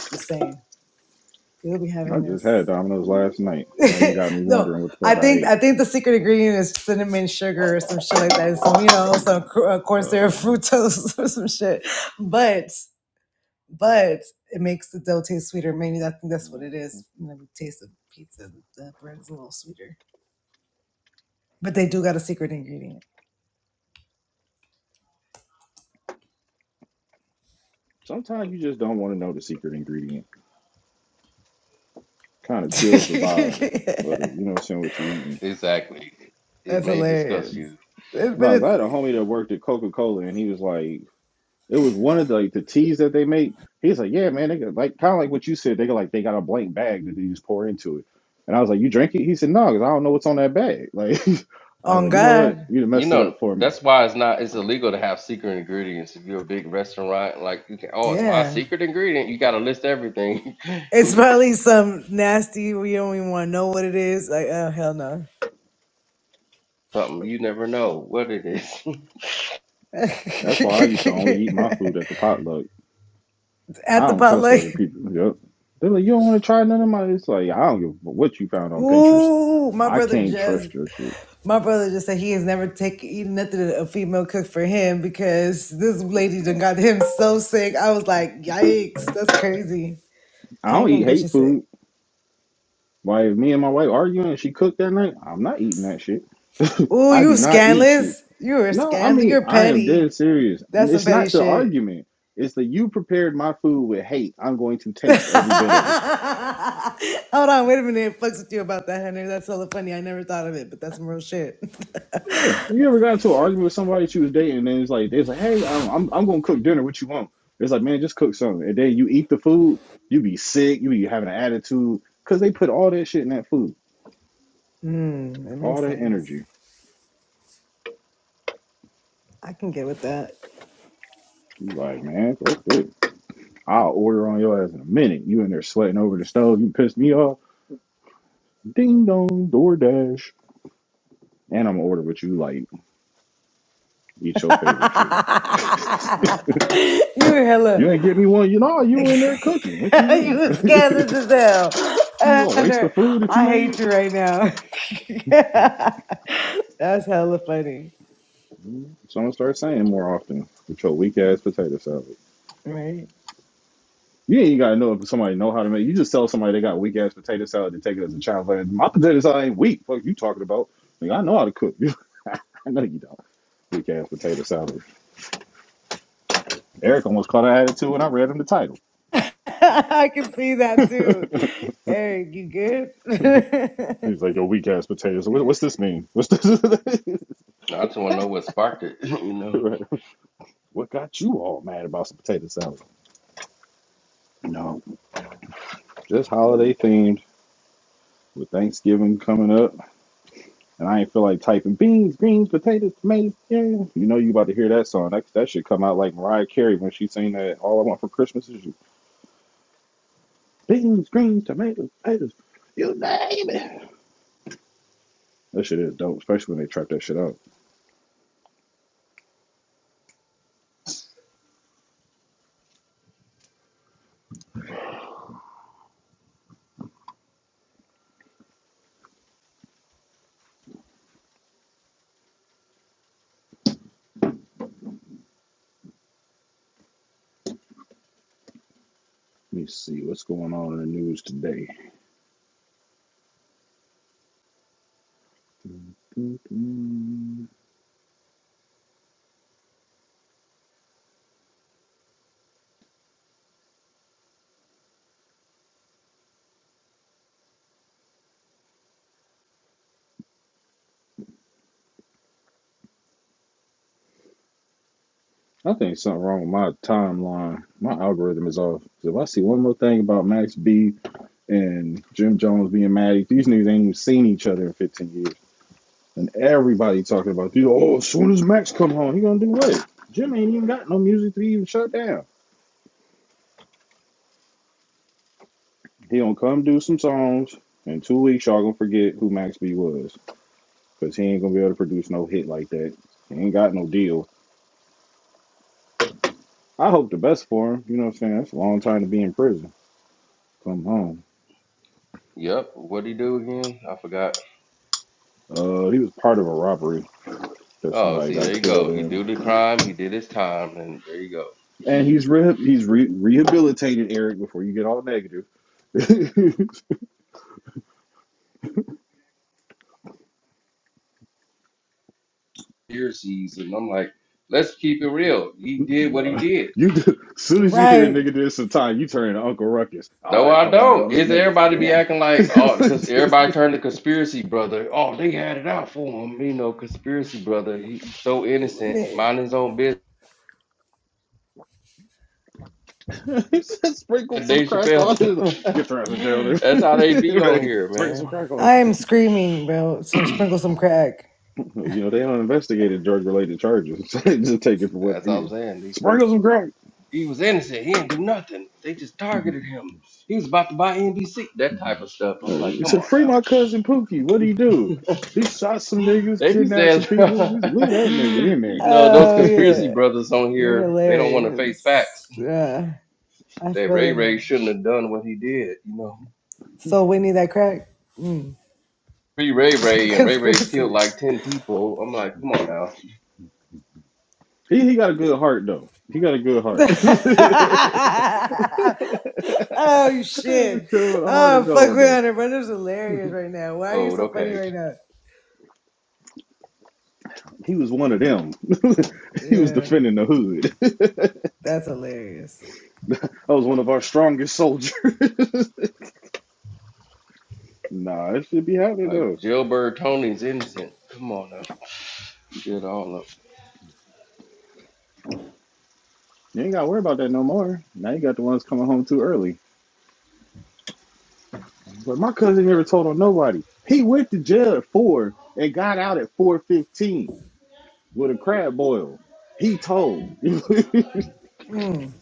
Just saying, people be
I
having
just
this.
had Domino's last night. Now you got me
no,
wondering what the
I
fuck I
think
ate.
I think the secret ingredient is cinnamon sugar or some shit like that. and Some you know some cor- uh, corn syrup
Uh,
fructose or some shit. But but it makes the dough taste sweeter. Maybe I think that's what it is. You know, the taste of pizza, the bread is a little sweeter. But they do got a secret ingredient.
sometimes you just don't want to know the secret ingredient. Kind of kills the vibe. But
that's
you know what I'm saying? What you are eating?
Exactly. It may disgust
hilarious.
you.
It- but
No, 'cause I had a
it's
homie that worked at Coca Cola, and he was like, it was one of the like, the teas that they make. He's like, yeah, man, they got like kind of like what you said. They got like they got a blank bag that they just pour into it. And I was like, you drink it? He said, no, 'cause I don't know what's on that bag. Like, I was
on
like, you know what?
God.
You done
You
messed it
know,
up for me.
that's why it's not it's illegal to have secret ingredients. If you're a big restaurant, like you can, oh, it's my
Yeah.
secret ingredient. You got to list everything.
It's probably some nasty. We don't even want to know what it is. Like, oh hell no.
Something you never know what it is.
At
That's why I used to only eat my food at the potluck. I
the
don't trust
potluck.
other people. Yep. They're like, you don't want to try none of mine. It's like I don't give a what you found on Pinterest.
Ooh, my
I
brother
can't
just
trust your shit.
my brother just said he has never taken eaten nothing that a female cook for him because this lady done got him so sick. I was like, yikes, that's crazy.
I
I
don't
ain't
eat
gonna get
hate
you
food.
sick.
Why if me and my wife arguing and she cooked that night, I'm not eating that shit.
Ooh,
I do
you
not eat shit.
scandalous. You are
No, I
scandal.
mean
You're
I am dead
petty.
serious.
That's some
It's
petty
not the
shit.
argument. It's that you prepared my food with hate. I'm going to taste every bit of it.
Hold on, wait a minute. Fucks with you about that, Hunter. That's hella funny. I never thought of it, but that's some real shit.
Yeah. You ever got into an argument with somebody that you was dating and then it's like it's like, hey, I'm I'm, I'm gonna cook dinner. What you want? It's like, man, just cook something. And then you eat the food, you be sick, you be having an attitude. Cause they put all that shit in that food.
Hmm, that
All
makes
that
sense.
energy.
I can get with that.
You like, man, fuck this. I'll order on your ass in a minute. You in there sweating over the stove. You pissed me off. Ding dong, DoorDash. And I'm gonna order what you like. Eat your favorite shit.
you hella.
You ain't get me one. You know, you in there cooking. What you
you
mean?
was
you
scandalous as hell.
gonna waste the
Hunter,
food that you
I
made?
hate you right now. That's hella funny,
Mm-hmm. Someone start saying more often. With your weak ass potato salad.
right?
You ain't gotta know if somebody know how to make. You just tell somebody they got weak ass potato salad to take it as a child. Like, my potato salad ain't weak. Fuck you talking about? Like, I know how to cook. I know you don't. Weak ass potato salad. Eric almost caught an attitude when I read him the title.
I can see that too. Eric, you good?
He's like, "Yo, weak ass potatoes. What, what's this mean? What's this?
I just want to know what sparked it. You know.
Right. What got you all mad about some potato salad? No, just holiday themed with Thanksgiving coming up, and I ain't feel like typing beans, greens, potatoes, tomatoes. Yeah, you know you about to hear that song. That that should come out like Mariah Carey when she sang that "All I Want for Christmas Is You." Beans, greens, tomatoes, potatoes. You name it. That shit is dope, especially when they trap that shit out. Let me see what's going on in the news today. I think something wrong with my timeline. My algorithm is off. So if I see one more thing about Max B and Jim Jones being mad, these niggas ain't even seen each other in 15 years. And everybody talking about, you know, oh, as soon as Max come home, he gonna do what? Jim ain't even got no music to be even shut down. He gonna come do some songs. In two weeks, y'all gonna forget who Max B was. Because he ain't gonna be able to produce no hit like that. He ain't got no deal. I hope the best for him. You know what I'm saying? That's a long time to be in prison. Come home.
Yep. What'd he do again? I forgot.
Uh, he was part of a robbery that
Oh,
somebody
see,
got
there you
killed
go. He do
in,
the crime. He did his time, and there you go.
and he's re- he's re- rehabilitated Eric. Before you get all negative,
Conspiracies, and I'm like, let's keep it real. He did what he
no,
did.
you do. As soon as you hear a
right.
nigga do some time, you turn into Uncle Ruckus. Oh,
No,
here
I
come one of
don't.
those
Is
niggas
everybody be
again.
acting like oh because everybody turned to conspiracy brother. Oh, they had it out for him, you know, conspiracy brother. He, he's so innocent,
Me-
mind his own business.
Sprinkle
That
some
Dave
crack
Chappelle
on him.
stuff.
Get thrown in jail.
That's how they be on
right.
here,
Sprinkle some
man.
crack on him.
I am screaming, bro. Some sprinkle some crack.
You know they don't investigate drug related charges. Just take it for what it
That's all I'm
is.
saying. They said,
Sprinkle some crack.
He was innocent. He didn't do nothing. They just targeted him. He was about to buy NBC. That type of stuff. I'm like,
He
come on
said, "Free my
now.
cousin Pookie. What did he do? He shot some niggas,
They be
kidnapped some
saying,
people. He said, leave that nigga
you
in
know, those
Oh
there.
conspiracy
yeah.
brothers on
You're
here, they don't want to face facts.
hilarious. Yeah. I
that
feel
Ray
that.
Ray shouldn't have done what he did, you know.
So Whitney, that crack mm.
Free Ray Ray and Ray Ray killed
conspiracy.
like ten people. I'm like, come on now.
he he got a good heart though. He got a good heart. There's
oh
a
shit!
crew with a heart of
Oh fuck,
gold
we're
though.
on it, bro. This is hilarious right now. Why are you
Oh,
so funny
okay.
right now?
He was one of them. he was
Yeah,
defending the hood.
that's hilarious.
that was one of our strongest soldiers. nah, it should be happening
Like
though.
Jailbird Tony's innocent. Come on now. Get all up.
You ain't gotta worry about that no more. Now you got the ones coming home too early. But my cousin never told on nobody. He went to jail at four and got out at four fifteen with a crab boil. He told. the
Mm.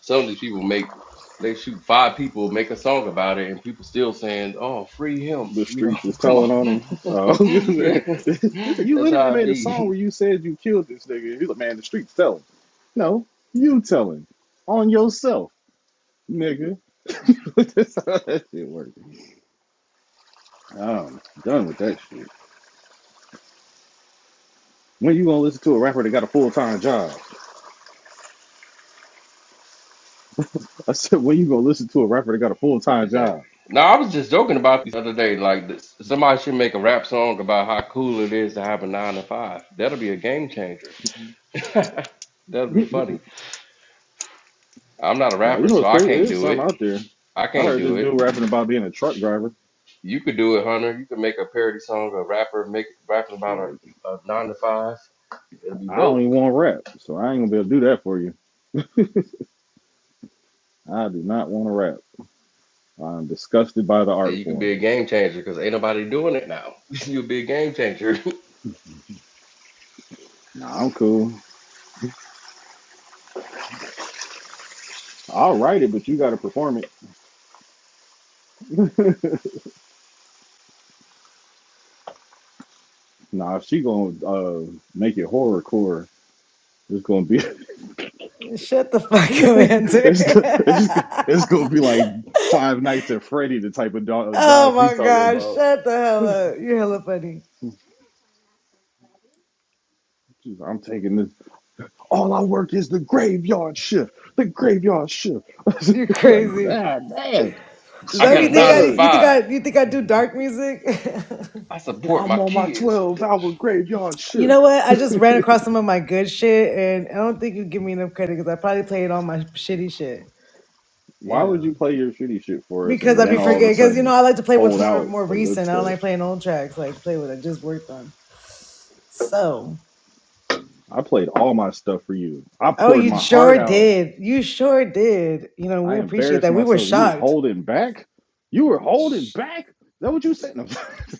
Some of these people make they shoot five people, make a song about it, and people still saying, Oh, free him, you know,
streets is
come
telling
on.
on him. Uh,
yeah.
listen, you
That's
literally
how I
made a
be.
song where you said you killed this nigga. He's like, man, the streets telling. No, you telling on yourself, nigga. That's how that shit works. I'm done with that shit. When you gonna listen to a rapper that got a full time job? I said, when you gonna listen to a rapper that got a full time
Exactly.
job?
No, I was just joking about this the other day. Like, this, somebody should make a rap song about how cool it is to have a nine to five. That'll be a game changer. That'll be funny. I'm not a
Now you
rapper,
know
so
what's
I
crazy.
can't
It is
do
something
it.
out there.
I
I
can't
heard
do
this
it.
dude rapping about being a truck driver.
You could do it, Hunter. You could make a parody song, a rapper make rapping about
Shit.
a, a nine to five. It'll be
I don't
dope.
even want to rap, so I ain't gonna be able to do that for you. I do not want to rap. I'm disgusted by the
And
art
you could be
form.
a game changer because ain't nobody doing it now. You'll be a game changer.
Nah, I'm cool. I'll write it, but you gotta perform it. Nah, if she gonna uh, make it horrorcore. It's gonna be
Shut the fuck up, answer.
it's, go- it's go- it's gonna be like Five Nights at Freddy, the type of do-
oh
job she
my
talking
god!
about.
Shut the hell up. You're hella funny.
She's, like, I'm taking this. All I work is the graveyard shift. The graveyard shift.
You're
like,
crazy.
ah, damn,
Is
I
that
she
what
a
got
you
a
think
nine
I?
to
thug.
You think
five.
I? You think I do dark music?
I support my
I'm on my
kids.
12 hour graveyard
You know
shift.
what? I just ran across some of my good shit, and I don't think you give me enough credit because I probably played all my shitty shit.
Why
You
would
know,
you play your shitty shit for us
because
and
I
then
be
all of a
forgetting. Because you know,
sudden
I like to play what's
hold
more
out
more
the good
recent. I don't
stuff?
like playing old tracks. I like to play what I just worked on. So,
I played all my stuff for you. I
oh,
poured
you
my heart
sure
out.
did. You sure did. You know, we
I
appreciate
embarrassed
that. We were
myself. You was
shocked.
holding back. You were holding back. Is that what you said? No,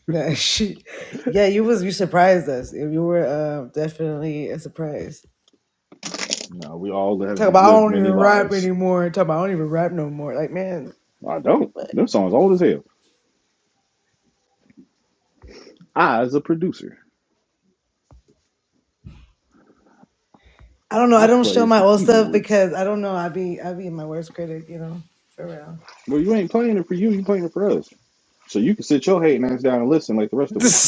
Nah, shit. yeah, you was you surprised us. Yeah, You were uh, definitely a surprise.
no we all have
Talk about I
lived
don't even
many
rap
lives.
anymore. Talk about I don't even rap no more. Like man,
I don't.
what?
Them song's old as hell. I, as a producer.
I don't know. I
I
don't
play
show
is
my
the
old stuff
keyboards.
because I don't know. I be I be my worst critic, you know, for real.
Well, you ain't playing it for you, you playing it for us. So you can sit your hating ass down and listen like the rest of us.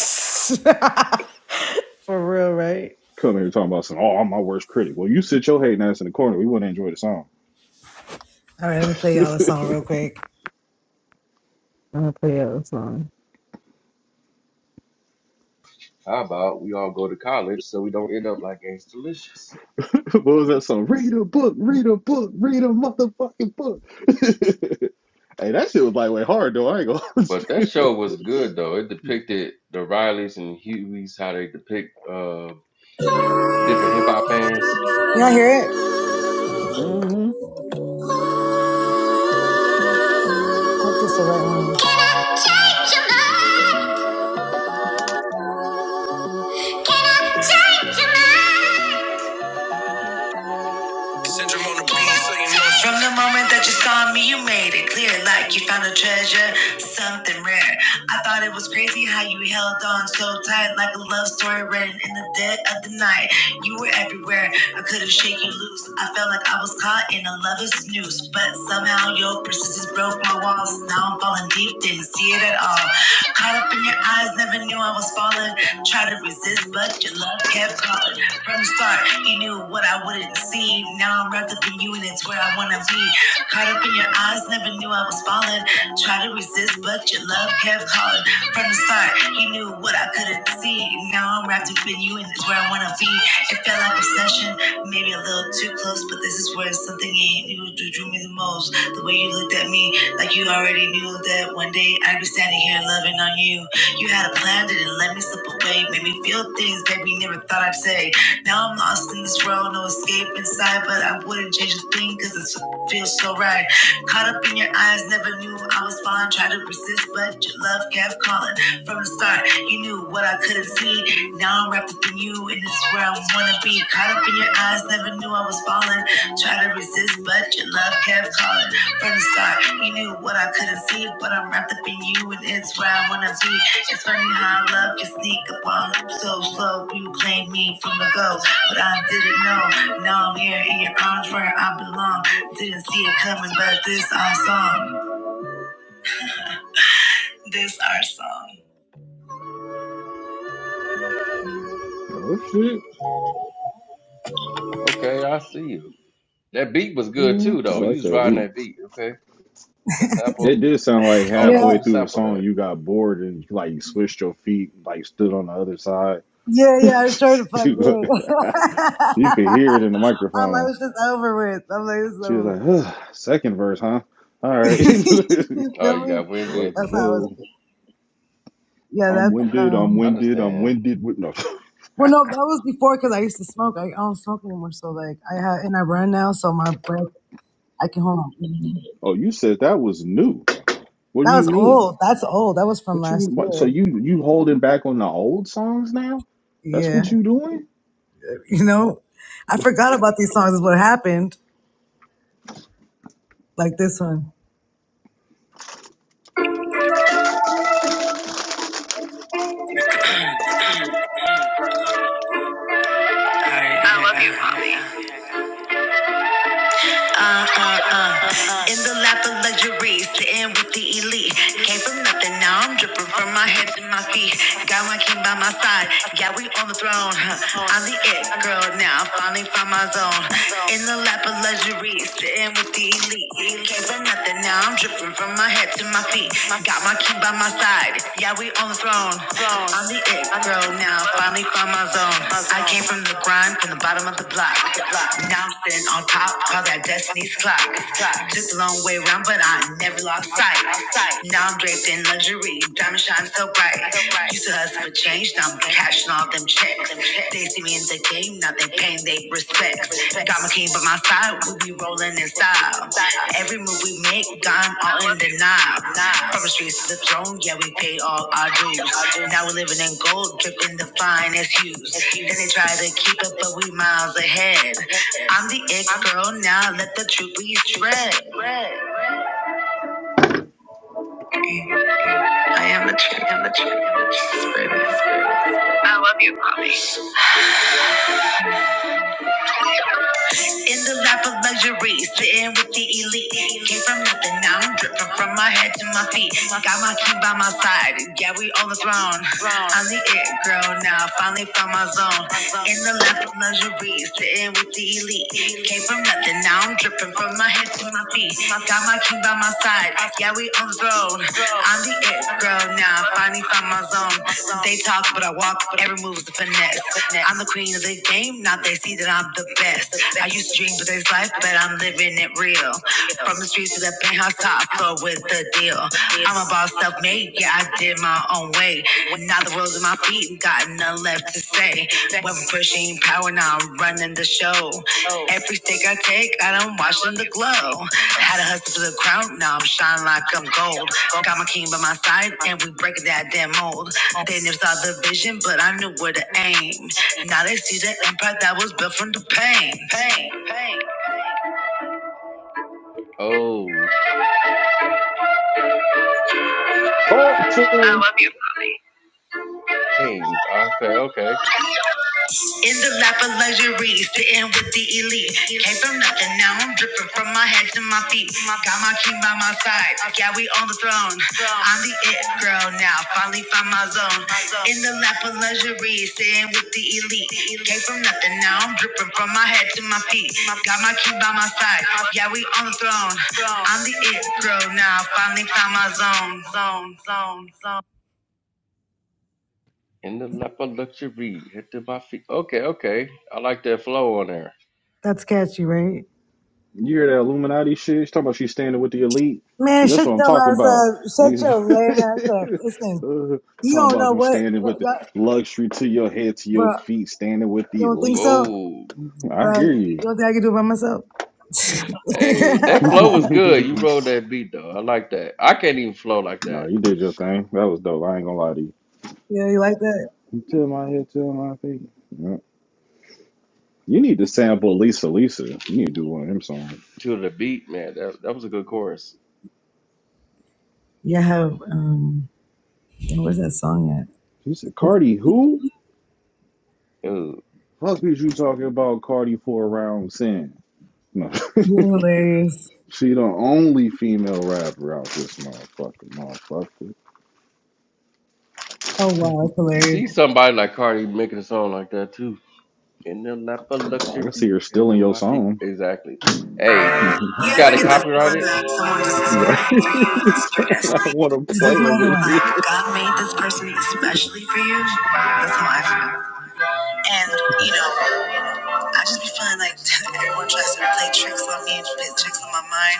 for real, right?
Come here talking about some, oh, I'm my worst critic. Well, you sit your hating ass in the corner, we wouldn't enjoy the song.
All right, let me play y'all
what
a song real quick. I'm gonna play y'all a song.
How about we all go to college so we don't end up like Gangsta Delicious?
was that song? Read a book, read a book, read a motherfucking book. hey, that shit was lightweight hard though. I ain't gonna.
But that show was good though. It depicted the Rileys and Hueys, how they depict uh different hip hop fans.
Y'all hear it?
mm hmm
I hope this the right one. Can I change your mind? Can I change your mind? Syndrome on the beat, so you know. From the moment that you saw me, you made it clear like you found a treasure, something rare. I thought it was crazy how you held on so tight, like a love story written in the dead of the night. You were everywhere, I couldn't shake you loose. I felt like I was caught in a lover's noose, but somehow your persistence broke my walls. Now I'm falling deep, didn't see it at all. Caught up in your eyes, never knew I was falling. Tried to resist, but your love kept calling. From the start, you knew what I wouldn't see. Now I'm wrapped up in you, and it's where I wanna be. Caught up in your eyes, never knew I was falling. Tried to resist, but your love kept calling. From the start, you knew what I couldn't see. Now I'm wrapped up in you, and it's where I wanna be. It felt like obsession, maybe a little too close, but this is where something in you drew drew me the most. The way you looked at me, like you already knew that one day I'd be standing here loving on you. You had a plan, didn't let me slip away. Made me feel things, baby, never thought I'd say. Now I'm lost in this world, no escape inside, but I wouldn't change a thing because it feels so right. Caught up in your eyes, never knew I was falling. Tried to resist, but your love kept calling. From the start, you knew what I couldn't see. Now I'm wrapped up in you, and it's where I wanna be. Caught up in your eyes, never knew I was falling. Tried to resist, but your love kept calling. From the start. He knew what I couldn't see, but I'm wrapped up in you, and it's where I wanna be. It's funny how love can sneak up on you so slow. You claimed me from the go, but I didn't know. Now I'm here in your arms where I belong. Didn't see it coming, but this our song. This our song.
Oh shit.
Okay, I see you. That beat was good
Mhm.
too
I
though. You
like
was
that
riding
beat.
that beat, okay? That
It
sample.
did sound like
I don't know
Yeah,
who
halfway
the
through the
sample
song
that.
you got bored and like you switched your feet, like stood on the other side
yeah, yeah. I sure the fuck did.
you could hear it in the
I'm like,
microphone.
it's just over with. I'm like, it's
She was
over. with.
like, "Ugh, second verse, huh? All
you
right.
feel
Oh, you
me?
got winded.
Let's
That's how
go.
it's. Yeah,
I'm
that's.
winded, I'm
um.
I
winded, I'm
understand.
winded with no
Well, no, that was before because I used to smoke. I, I don't smoke anymore, so like I have, and I run now, so my breath I can hold. My,
Oh, you said that was new. What do
that
you
was
mean?
old. That's old. That was from
What you
last
what, so
year.
you you holding back on the old songs now? That's
Yeah,
what you doing?
you know, I forgot about these songs. Is what happened. Like this one. I love you, Bobby. uh, uh, uh. In the lap of luxury, sitting with the elite. Came from nothing, now I'm dripping from my head to my feet. Got my king by my side, yeah, we on the throne. huh. I'm the it girl now, finally found my zone. In the lap of luxury, sitting with the elite. Came from nothing, now I'm dripping from my head to my feet. Got my king by my side side. Yeah, we on the throne. I'm the it girl now. Finally found my zone. I came from the grind, from the bottom of the block. Now I'm sitting on top, call that destiny's clock. Took the long way around, but I never lost sight. Now I'm draped in luxury, diamond shine so bright. Used to hustle for change, now I'm cashing all them checks. They see me in the Game, not that pain, they respect. Got my king by my side, we be rolling in style. Every move we make, gone all in the knob. From the streets to the throne, yeah, we pay all our dues. Now we're living in gold, dripping the finest hues. Then they try to keep up, but we miles ahead. I'm the it girl now, let the truth be shred. In the lap of luxury, sitting with the elite. Came from nothing, now I'm dripping from my head to my feet. Got my king by my side, yeah, we own the throne. I'm the it girl now, finally found my zone. In the lap of lingerie, sitting with the elite. Came from nothing, now I'm dripping from my head to my feet. Got my king by my side, yeah, we on the road. I'm the it girl now, finally found my zone. They talk, but I walk, every move's a finesse. I'm the queen of the game, now they see that I'm the best. I used to dream, but there's life, but I'm living it real. From the streets to the penthouse top floor with is the deal? I'm about self-made, yeah, I did my own way. Now the world's at my feet, and got nothing left to say. When pushing power, now I'm running the show. Every stick I take, I don't watch them to glow. Had a hustle for the crown, now I'm shining like I'm gold. Got my king by my side, and we breaking that damn mold. They never saw the vision, but I knew where to aim. Now they see the empire that was built from the pain. Pain, pain.
Oh,
Talk to him.
dang. Okay, okay.
In the lap of luxury, sitting with the elite. Came from nothing, now I'm dripping from my head to my feet. Got my king by my side, yeah, we on the throne. I'm the it girl now, finally found my zone. In the lap of luxury, sitting with the elite. Came from nothing, now I'm dripping from my head to my feet. Got my king by my side, yeah, we on the throne. I'm the it girl now, finally found my zone, zone, zone, zone.
In the lap of luxury, hit to my feet. Okay, okay. I like that flow on there.
That's catchy, right?
You hear that Illuminati shit? She's talking about she's standing with the elite. See,
Man,
that's
shut
what I'm
your
talking
ass
about.
up. Shut your lame ass up.
Niggas-
Listen,
Uh,
you
talking
don't
about
know
you
what,
standing
what
with the
y'all,
luxury to your head, to your
bro.
feet, standing with the
You don't think
elite.
so,
Whoa.
I
bro?
hear
You
you.
don't think I can do it by myself?
Hey, that flow was good. You rolled that beat though. I like that. I can't even flow like
nah,
that
you did your thing. That was dope. I ain't gonna lie to you.
yeah, you like that?
To my head, to my feet. Yeah. You need to sample Lisa Lisa. You need to do one of them songs.
to the beat, man. That that was a good chorus.
Yeah, I have. Um, dang, where's that song at?
She said, Cardi, who?
Ooh.
Fuck is you talking about Cardi for a round sin? No.
You're hilarious.
She the only female rapper out this motherfucker, motherfucker.
Oh wow, it's
I
hilarious.
see somebody like Cardi making a song like that too. In the lap of
I can see her
luxury, head
stealing
in
your
my feet.
song.
Exactly. Hey,
You
you
ever
got it
get the feeling
copyrighted?
that someone just is
right?
meant for you? It's your
I
destiny.
want to
This is
play
my
him
other
in
one. Like
here.
God made this person especially for you. That's how I feel. And you know. I just be feeling like everyone tries to play tricks on me play tricks on my mind,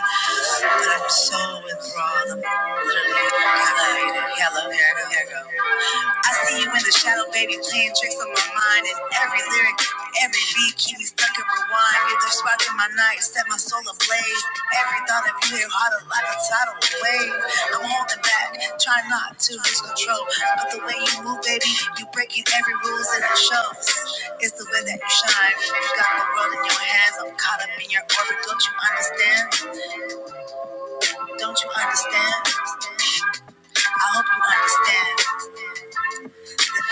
but I'm so enthralled. I'm literally captivated. Hello, here I go, here I go. I see you in the shadow, baby, playing tricks on my mind, and every lyric, every beat keep me stuck in rewind. You're the spot in my night set my soul ablaze. Every thought of you hit harder like a tidal wave. I'm holding back, try not to lose control. But the way you move, baby, you breaking every rules and it shows. It's the way that you shine. You got the world in your hands. I'm caught up in your orbit. Don't you understand? Don't you understand? I hope you understand.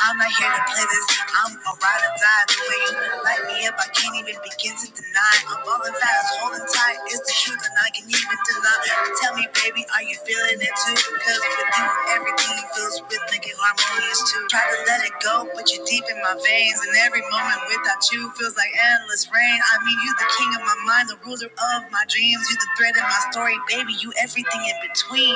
I'm not here to play this. I'm a ride or die. The way you light me up, I can't even begin to deny. I'm falling fast, holding tight. It's the truth, and I can even deny. Tell me, baby, are you feeling it too? Because with you, everything feels rhythmic and harmonious too. Try to let let it go, but you're deep in my veins. And every moment without you feels like endless rain. I mean, you are the king of my mind, the ruler of my dreams. You are the thread in my story, baby. You everything in between.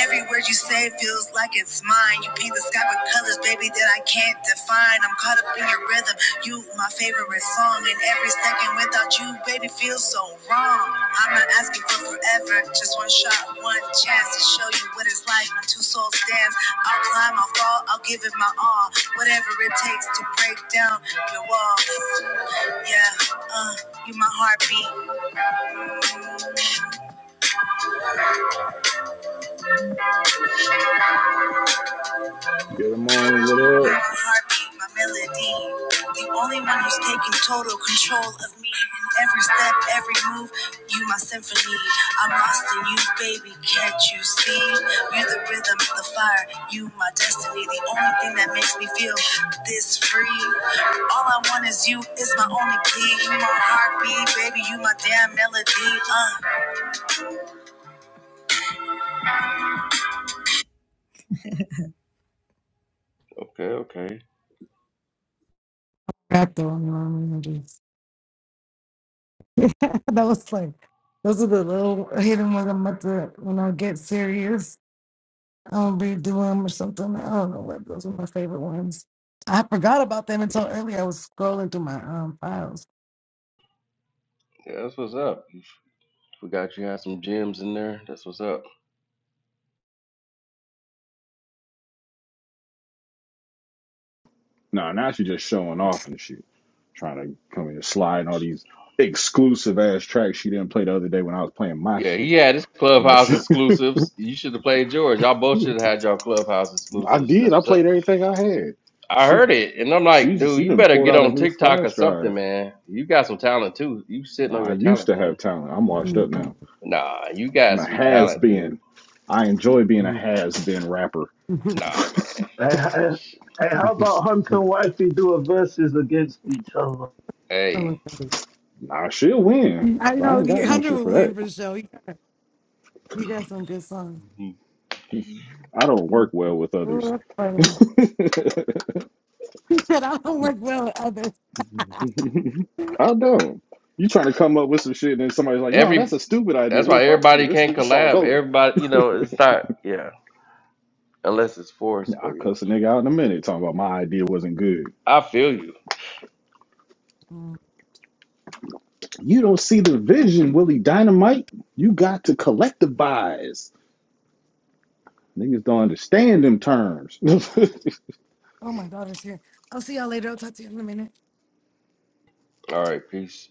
Every word you say feels like it's mine. You paint the sky with colors, baby, that I can't define. I'm caught up in your rhythm. You, my favorite song, and every second without you, baby, feels so wrong. I'm not asking for forever, just one shot, one chance to show you what it's like when two souls dance. I'll climb, I'll fall, I'll give it my all, whatever it takes to break down your walls. Yeah, uh, you my heartbeat,
Get him on, what
I'm
up?
My heartbeat, my melody. The only one who's taking total control of me. In every step, every move, you my symphony. I'm lost in you, baby. Can't you see? You're the rhythm, the fire. You my destiny. The only thing that makes me feel this free. All I want is you. Is my only plea. You my heartbeat, baby. You my damn melody. Uh.
Okay, okay.
Got the only one melodies. Yeah, that was like. Those are the little hidden ones I'm about to, when I get serious. um, redo them or something. I don't know what those were my favorite ones. I forgot about them until earlier. I was scrolling through my um files.
Yeah, that's what's up. Forgot you had some gems in there. That's what's up.
Nah, now she just showing off and shit. Trying to come here sliding all these exclusive ass tracks she didn't play the other day when I was playing my
Yeah,
shit.
he had his
No,
clubhouse
she,
exclusives. You should have played yours. Y'all both should have had y'all clubhouse
I
exclusives.
did.
That's
I
what's up.
played everything I had.
I
She,
heard it, and I'm
she,
like, dude,
she
you
done
better
pulled
get
out a
on
new
TikTok or
flash
something,
drive.
man. You got some talent too. You sitting on
Nah, I
your
used
talent,
to
man.
have talent. I'm washed up
Mm.
now.
Nah, you
I'm
got
a
some
has
talent, dude.
been. I enjoy being a
Mm.
has been rapper.
Nah, man.
Hey, hey,
Sh-
hey, how about Hunter and Wifey do a versus against each other?
Hey,
So funny.
Nah, she'll win.
I
I
know
ain't
the
got no
hundred
shit
will
for that.
win for sure. He got, he got some good songs.
Mhm.
Mhm.
I don't work well
Interesting.
with
Ooh,
others.
that's funny. He said I don't work well with others.
I don't. You trying to come up with some shit and then somebody's like, no, that's
every
a stupid idea.
that's
Well,
why
fuck you.
everybody
This
can't
this song's
collab.
over.
Everybody, you know, it's not yeah, unless it's
Yeah,
forced. But
I
yeah,
cuss a nigga out in a minute talking about my idea wasn't good.
I feel you.
Mm.
You don't see the vision, Willie Dynamite. You got to collectivize. Niggas don't understand them terms.
Oh, my daughter's here. I'll see y'all later. I'll talk to you in a minute.
All right, peace.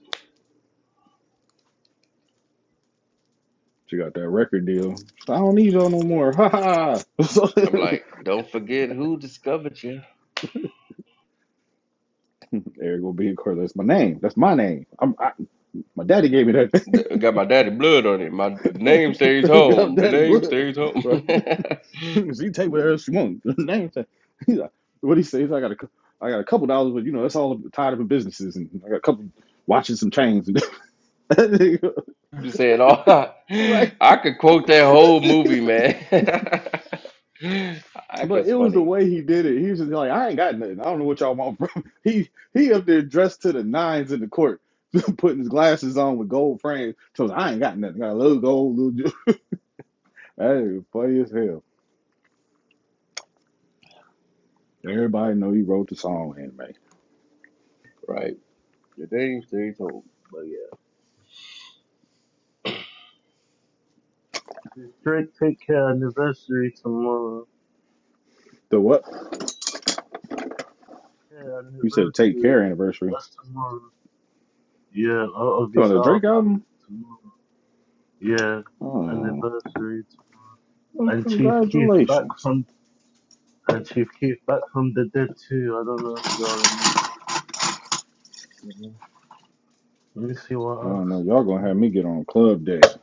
She got that record deal. So, I don't need y'all no more. Ha ha.
I'm like, don't forget who discovered you.
Eric will be in court. That's my name. That's my name. I'm I, my daddy gave me that.
Th- Got my daddy blood on it. My the name stays
Got
home. The
daddy
name
blood.
stays
Right?
home.
she take whatever she wants. name tag. He's like, what he says? I got a, cou- I got a couple dollars, but you know that's all tied up in businesses, and I got a couple watches and chains. And
You saying all that.
right.
I could quote that whole movie, man. That
But
was
it was the
funny,
way he did it. He was just like, I ain't got nothing. I don't know what y'all want from me." He he up there dressed to the nines in the court, putting his glasses on with gold frames. So I ain't got nothing. Got a little gold, little ju- Hey, funny as hell. Everybody know he wrote the song anyway.
right? The things they told, me, but yeah.
Drake take care anniversary tomorrow.
The what?
Yeah,
You said take
anniversary.
care anniversary.
That's tomorrow. Yeah, out of
So
his
the Drake
album
album?
tomorrow. Yeah,
Oh
anniversary tomorrow.
well,
And Chief Keef back
congratulations.
from and Chief Keef back from the dead too. I don't know if y'all remember. Mhm. Let me see what
I don't know.
else. is
Y'all gonna
there.
have me get on club deck. 'cause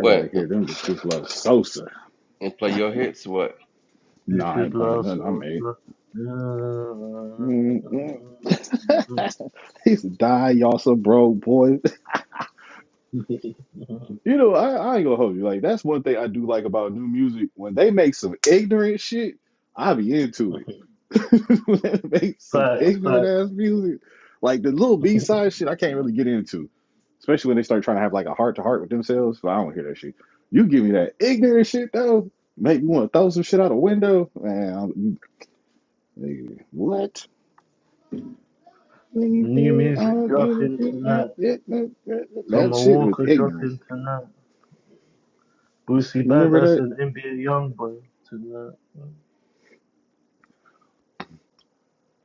I gotta
and
hear them just people love Sosa.
play your hits? What?
This
Nah, I
is
ain't playing
La
nothing. i made.
Salsa.
Mm-mm. he die, y'all some broke boy. you know, I, I ain't gonna hold you. Like that's one thing I do like about new music. When they make some ignorant shit, I be into it. when they make some
facts,
ignorant
facts.
ass music, like the little B side shit, I can't really get into. Especially when they start trying to have like a heart to heart with themselves. But I don't hear that shit. You give me that ignorant shit though, make me want to throw some shit out a window. Man, I'm, nigga, what?
New
Anything that
music
all
dropping
anything out
tonight.
it- That that- that
Summer
shit was
Walker
ignorant.
dropping tonight. Boosie
You remember
Badass
that?
and NBA Youngboy tonight.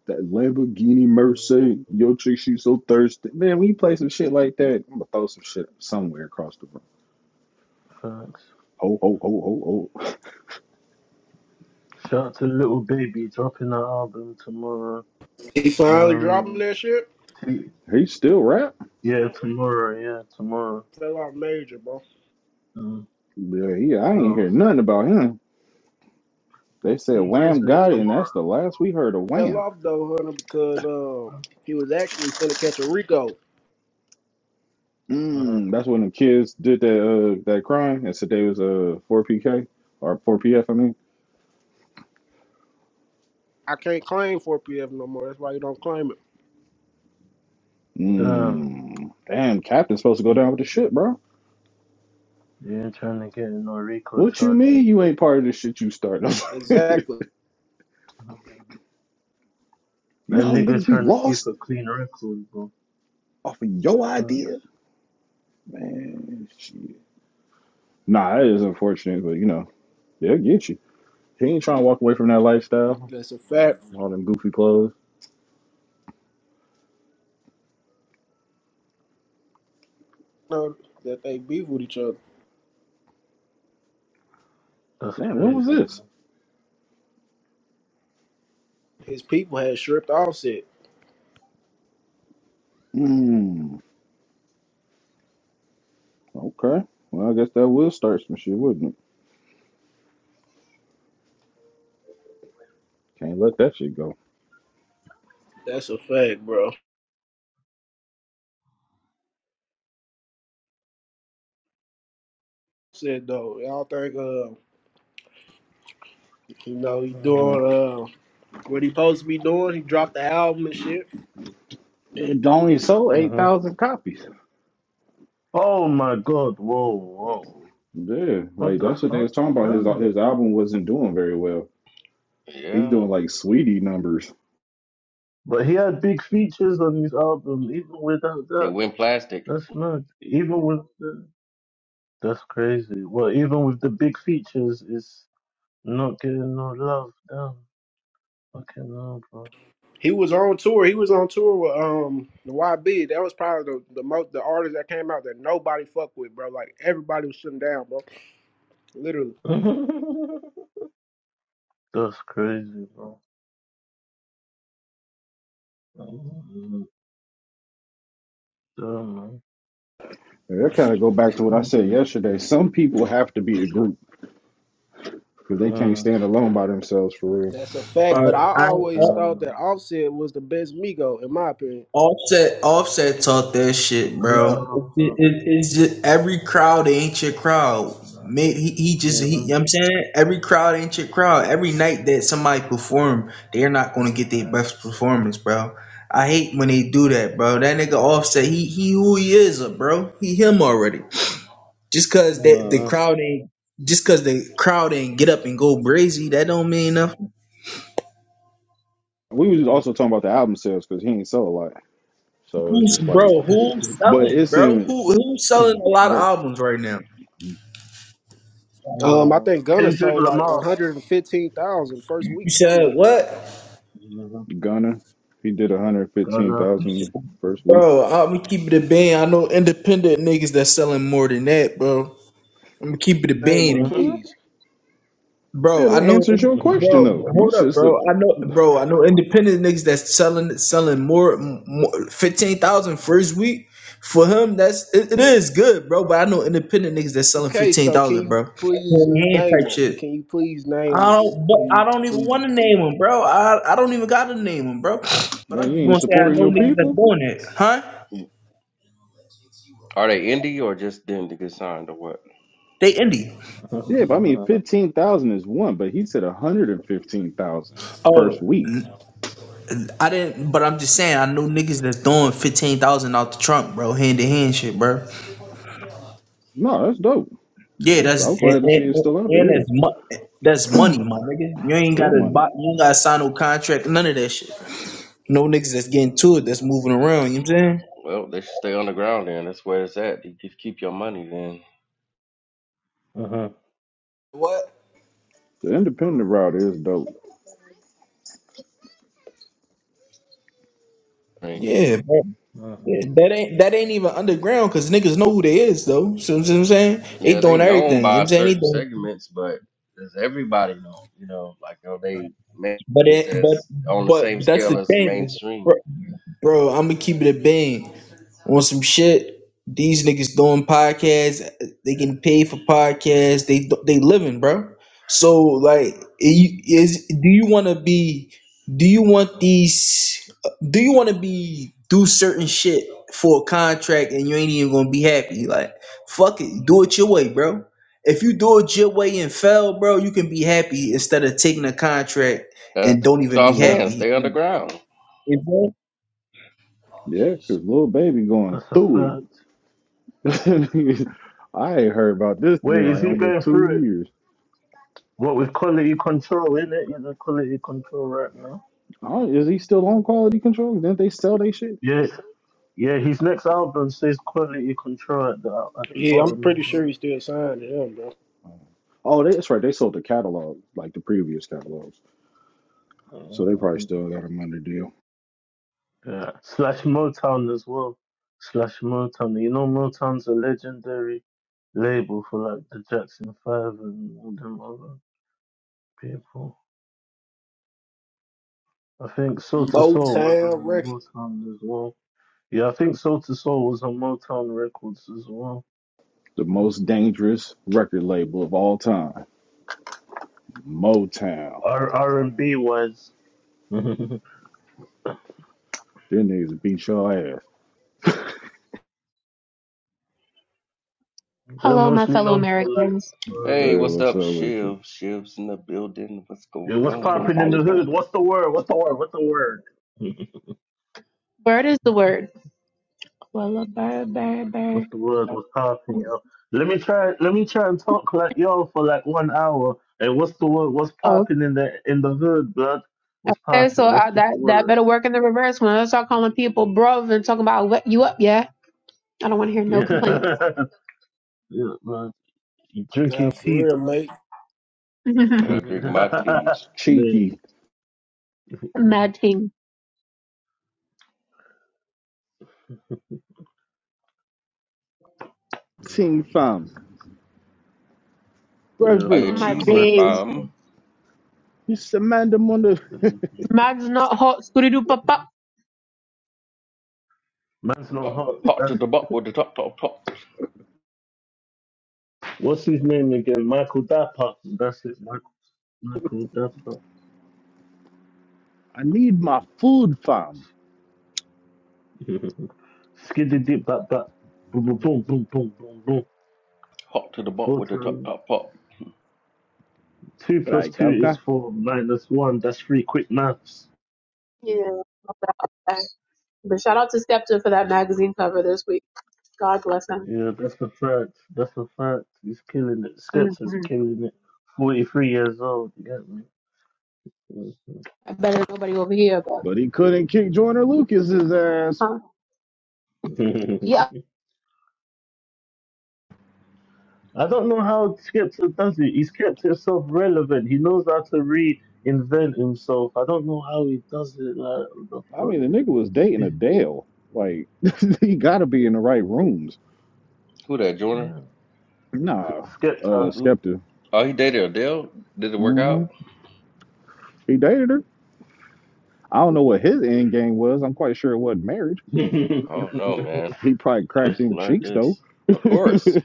That Lamborghini Mercedes, yo chick, she so thirsty. Man, when you play some shit like that, I'm gonna throw some shit somewhere across the room.
Facts.
Ho, ho, ho, ho, ho.
Shout out to Little Baby dropping her album tomorrow.
He finally dropping
Um,
that shit.
T-
He still rap?
yeah, tomorrow. Yeah, tomorrow.
Fell off major, bro.
Um,
Yeah, he, I
who
ain't hear
else?
nothing about him. They said
T
Wham
Grizzly
got it, and
tomorrow
that's the last we heard of
Fell
Wham.
off though, Hunter, because
as
um
well.
he was actually finna catch a Rico.
Uh huh.
Mm, that's when the kids did that uh, that crime and said they was uh, 4PK or 4PF, I mean.
I can't claim 4PF no more. That's why you don't claim it.
Damn,
Mm, damn, captain's supposed to go down
you
with the ship, bro.
you ain't trying to get no Rico
What you mean
charges.
you ain't part of the shit you started? you
Exactly.
know
That
how many
nigga
niggas we
trying to keep
lost
a clean record, bro.
off of your
Fuck,
idea? Man, shit. Nah, it is unfortunate, but you know, they'll get you. He ain't trying to walk away from that lifestyle,
That's a fact.
all them goofy clothes.
You know, that they beef with each other.
That's
Man, when was
crazy.
this?
His people had stripped offset.
Hmm. okay. Well, I guess that will start some shit, wouldn't it? Can't let that shit go.
That's a fact, bro. Said though, y'all think uh you know he
Man.
doing uh what he supposed to be doing? He dropped the album and shit.
It only
Uh,
sold
uh-huh.
8,000 copies.
Oh my god, whoa, whoa.
Yeah,
What
like
the
that's what they
fuck?
was talking about. His
Damn.
his album wasn't doing very well. He's
Yeah,
doing like sweetie numbers.
But he had big features on his album, even without
they
that.
win plastic.
That's mad. Even with the, That's crazy. Well, even with the big features, it's not getting no love. Damn. Fucking hell,
He was on tour. He was on tour with um the YB. That was probably the, the most the artist that came out that nobody fucked with, bro. Like everybody was shutting down, bro. Literally.
bro. That's crazy, bro. Artistic.
And That kind of go back to what I said yesterday. Some people have to be a group because they can't stand alone by themselves for real.
That's a fact.
Bro,
But I
I
always
Off-
thought that Offset was the best Migo, in my opinion.
offset offset taught that shit, bro. It, it, it's just every crowd ain't your crowd. Mate, he, he just he, you know what I'm saying every crowd ain't your crowd. Every night that somebody perform, they're not gonna get their best performance, bro. I hate when they do that, bro. That nigga offset, he he who he is, uh, bro. He him already. Just cause that the crowd ain't just cause the crowd ain't get up and go brazy, that don't mean nothing.
We was also talking about the album sales because he ain't sell a lot, so it's
Who's,
just like,
bro, who's
but
selling,
it's
bro?
in.
Who who's selling a lot of
But
albums right now?
Um, I
No.
think Gunna
Kendrick
sold like one
Lamar.
hundred and fifteen thousand first
You
week, something
said
like that, bro.
what,
Mhm.
Gunna, he did
Gunna.
115,000 first week.
bro? I'm gonna keep it a bean. I know independent niggas that's selling more than that, bro. I'm gonna keep it a
Name them,
bean,
Mhm.
please.
Yeah,
bro. I
that
know,
answers your question
bro.
though. You
Hold up,
said
bro. I know, bro. I know independent niggas that's selling selling more, m- more fifteen thousand first week. For him, that's it, it is good, bro. But I know independent niggas that's selling
Okay,
fifteen
so can
thousand,
you
bro.
please
Hand
name
type
them?
shit.
Can you please name
I don't, but
who
I
you,
don't
who
even
you-
want to name them, bro. I, I don't even got to name them, bro. But
man,
I'm
you
just
ain't
gonna say I
supporting
know
your
niggas that's
people.
doing it, huh?
Are they indie or just didn't get signed or what?
They indie.
Yeah, but I mean,
Mhm.
15,000 is one, but he said 115,000 first
Oh,
week.
I didn't. But I'm just saying I know niggas that's throwing fifteen thousand out the trunk, bro, hand to hand shit, bro.
No, that's dope.
Yeah,
It's, I'm
that's
glad
and,
to see it's
and,
still out
and
there.
that's mo- that's money, my nigga. You
It's
ain't
real
gotta
money.
buy, you ain't gotta sign no contract, none of that shit. No niggas that's getting to it, that's moving around. You know what I'm saying?
Well, they should stay underground then. That's where it's at. You just keep your money then.
What?
The independent route is dope.
I mean,
Yeah, bro.
Mhm.
That ain't that ain't even underground because niggas know who they is though. So you know what I'm saying they
yeah, they
doing
known
everything. You know what
by
I'm saying
certain
anything,
segments, but does everybody know? You know, like are they man
but it, but
as on the
but
same
that's
scale
the
as the
thing,
mainstream?
bro. bro I'm gonna keep it a bean. on some shit. These niggas doing podcasts. They getting paid for podcasts. They they living, bro. So like, i- is do you want to be? Do you want these? Do you want to be do certain shit for a contract and you ain't even gonna be happy? Like, fuck it, do it your way, bro. If you do it your way and fail, bro, you can be happy instead of taking a contract and
That's
don't
what
even
I'm
be
Yeah,
saying.
happy.
Stay
And
underground.
Yeah, 'cause little baby going
that's a
through
fact.
it. I ain't heard about this thing
Wait, is
like
he
almost
going
two
through it?
years.
What with quality control, isn't it? He's in quality control right now.
Oh, is he still on quality control? Didn't they sell they shit?
Yeah, yeah. His next album says quality control at the at the
Yeah, I'm
bottom.
pretty
yeah.
sure he still signed to them, bro.
Oh, they- that's right. They sold the catalog, like the previous catalogs. So they probably
Mhm.
still got him under deal.
Yeah. Slash Motown as well. Slash Motown. You know Motown's a legendary label for like the Jackson Five and all them other people. I think Soul to Soul was
Motown
on
Records.
Motown as well. Yeah, I think Soul to Soul was on Motown Records as well.
The most dangerous record label of all time, Motown.
R R and B wise, they're
Them niggas beat your ass.
Hello, my
mostly
fellow
known for like
Americans.
R and
Hey,
Say
B.
what's
what's
up,
up with you?
Shiv? Shiv's in the building. What's going
Yeah, what's
on?
Christian
popping in the hood?
Salutations.
What's the word? What's the word? What's the word?
Bird is the word. Well, a bird, bird, bird.
What's the word? What's passing, yo? Let me try. Let me try and talk like y'all for like one hour. And what's the word? What's
Oh,
popping in the in the hood, blood? What's
okay. So
popping? What's
I,
what's
that
the
that
word?
better work in the reverse when I start calling people bruv and talking about what you up, yeah. I don't want to hear no
Yeah,
complaints.
yeah, man. You
Nah,
drinking
for
tea,
real,
blood?
mate.
I gotta
Mad
drink my tea.
It's
Man,
cheeky.
thing.
Team fam.
yeah,
Are
Brethren.
you
On
fam.
my
It's mad
cheesing,
thing,
days.
fam.
fam?
It's Amanda Mundo.
Mad's not hot. Scooty doo pop pop.
Man's not hot.
Hot to
That's
the butt with the top, top, top.
what's his name again? Michael Dapper. That's it, Michael. Michael Dapper.
I need my food, fam.
Skiddy bat bat. Boom boom boom boom boom boom
Hot to the butt
Four
with the top,
times
top, pop.
two plus
Right,
two is
governor.
four minus one. That's three. Quick maths.
Yeah. okay. But shout out to Skepta for that magazine cover this week. God bless him.
Yeah, that's a fact. That's a fact. He's killing it. Skepta's is
hmm
killing it. Forty-three years old. You get me?
I better nobody over here, but
But he couldn't kick Joyner Lucas's ass.
huh?
Yeah.
Yeah,
I don't know how Skepta does it. He's kept himself relevant. He knows how to reinvent himself. I don't know how he does it. Like what
I mean, the nigga was dating
the
a Dale. Like, he gotta be in the right rooms.
Who that,
fuck,
Joyner?
yeah.
Nah, uh,
Who, who?
Skepta.
Oh, he dated Adele? Did it work out?
hmm He dated her. I don't know what his end game was. I'm quite sure it wasn't marriage.
Oh, no,
Skepta.
man.
He probably
I
cracked
just
them
learned
cheeks, though.
this. Of course.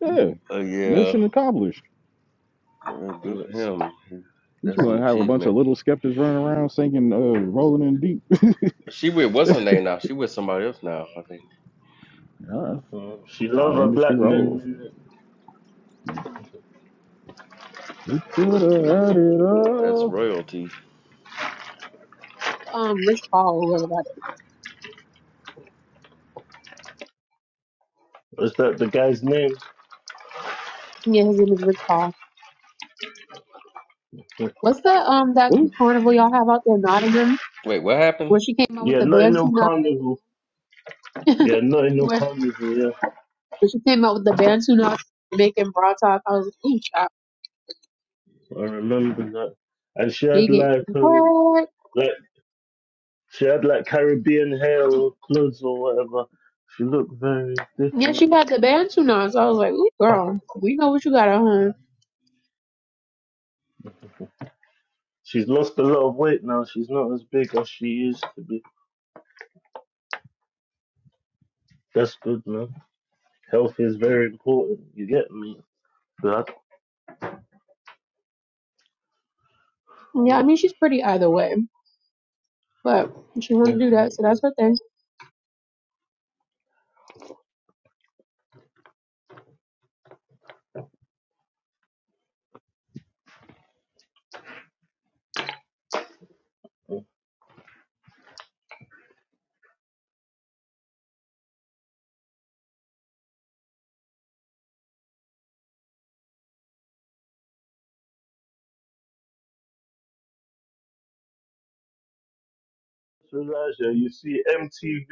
yeah,
But yeah,
mission accomplished.
uh, good for him. He-
You
That's an
want to have a bunch
achievement.
of little skeptics running around singing, uh, rolling in deep.
She with, what's her name now? She with somebody else now, I think.
Yeah,
Mm. She
how
love
the
a
industry
black
rolls.
man.
We could have had it
That's
all.
royalty.
um Rich Paul or whatever that
Is that the guy's name?
is. Yeah, his name is Rich Paul. What's the um that
Ooh,
carnival y'all have out there in Nottingham
Wait, what happened?
where she came out with
Yeah,
the
not in
band
no
tune up?
carnival. Yeah, not in no
where
carnival. Yeah,
when she came out with the band tune up making broad talk, I was like, ooh, child,
I remember that. And she
she
had
get
like um,
what?
like she had like Caribbean hair or clothes or whatever. She looked very
Yeah, she
different.
got the band tune on, so I was like, ooh, girl, we know what you got on her.
She's lost a lot of weight now. She's not as big as she used to be. That's good, man. Health is very important. You get me? That
Yeah, I
oh,
mean she's pretty either way, but she wanted to do that, so that's
definitely.
her thing.
to Russia, you see MTV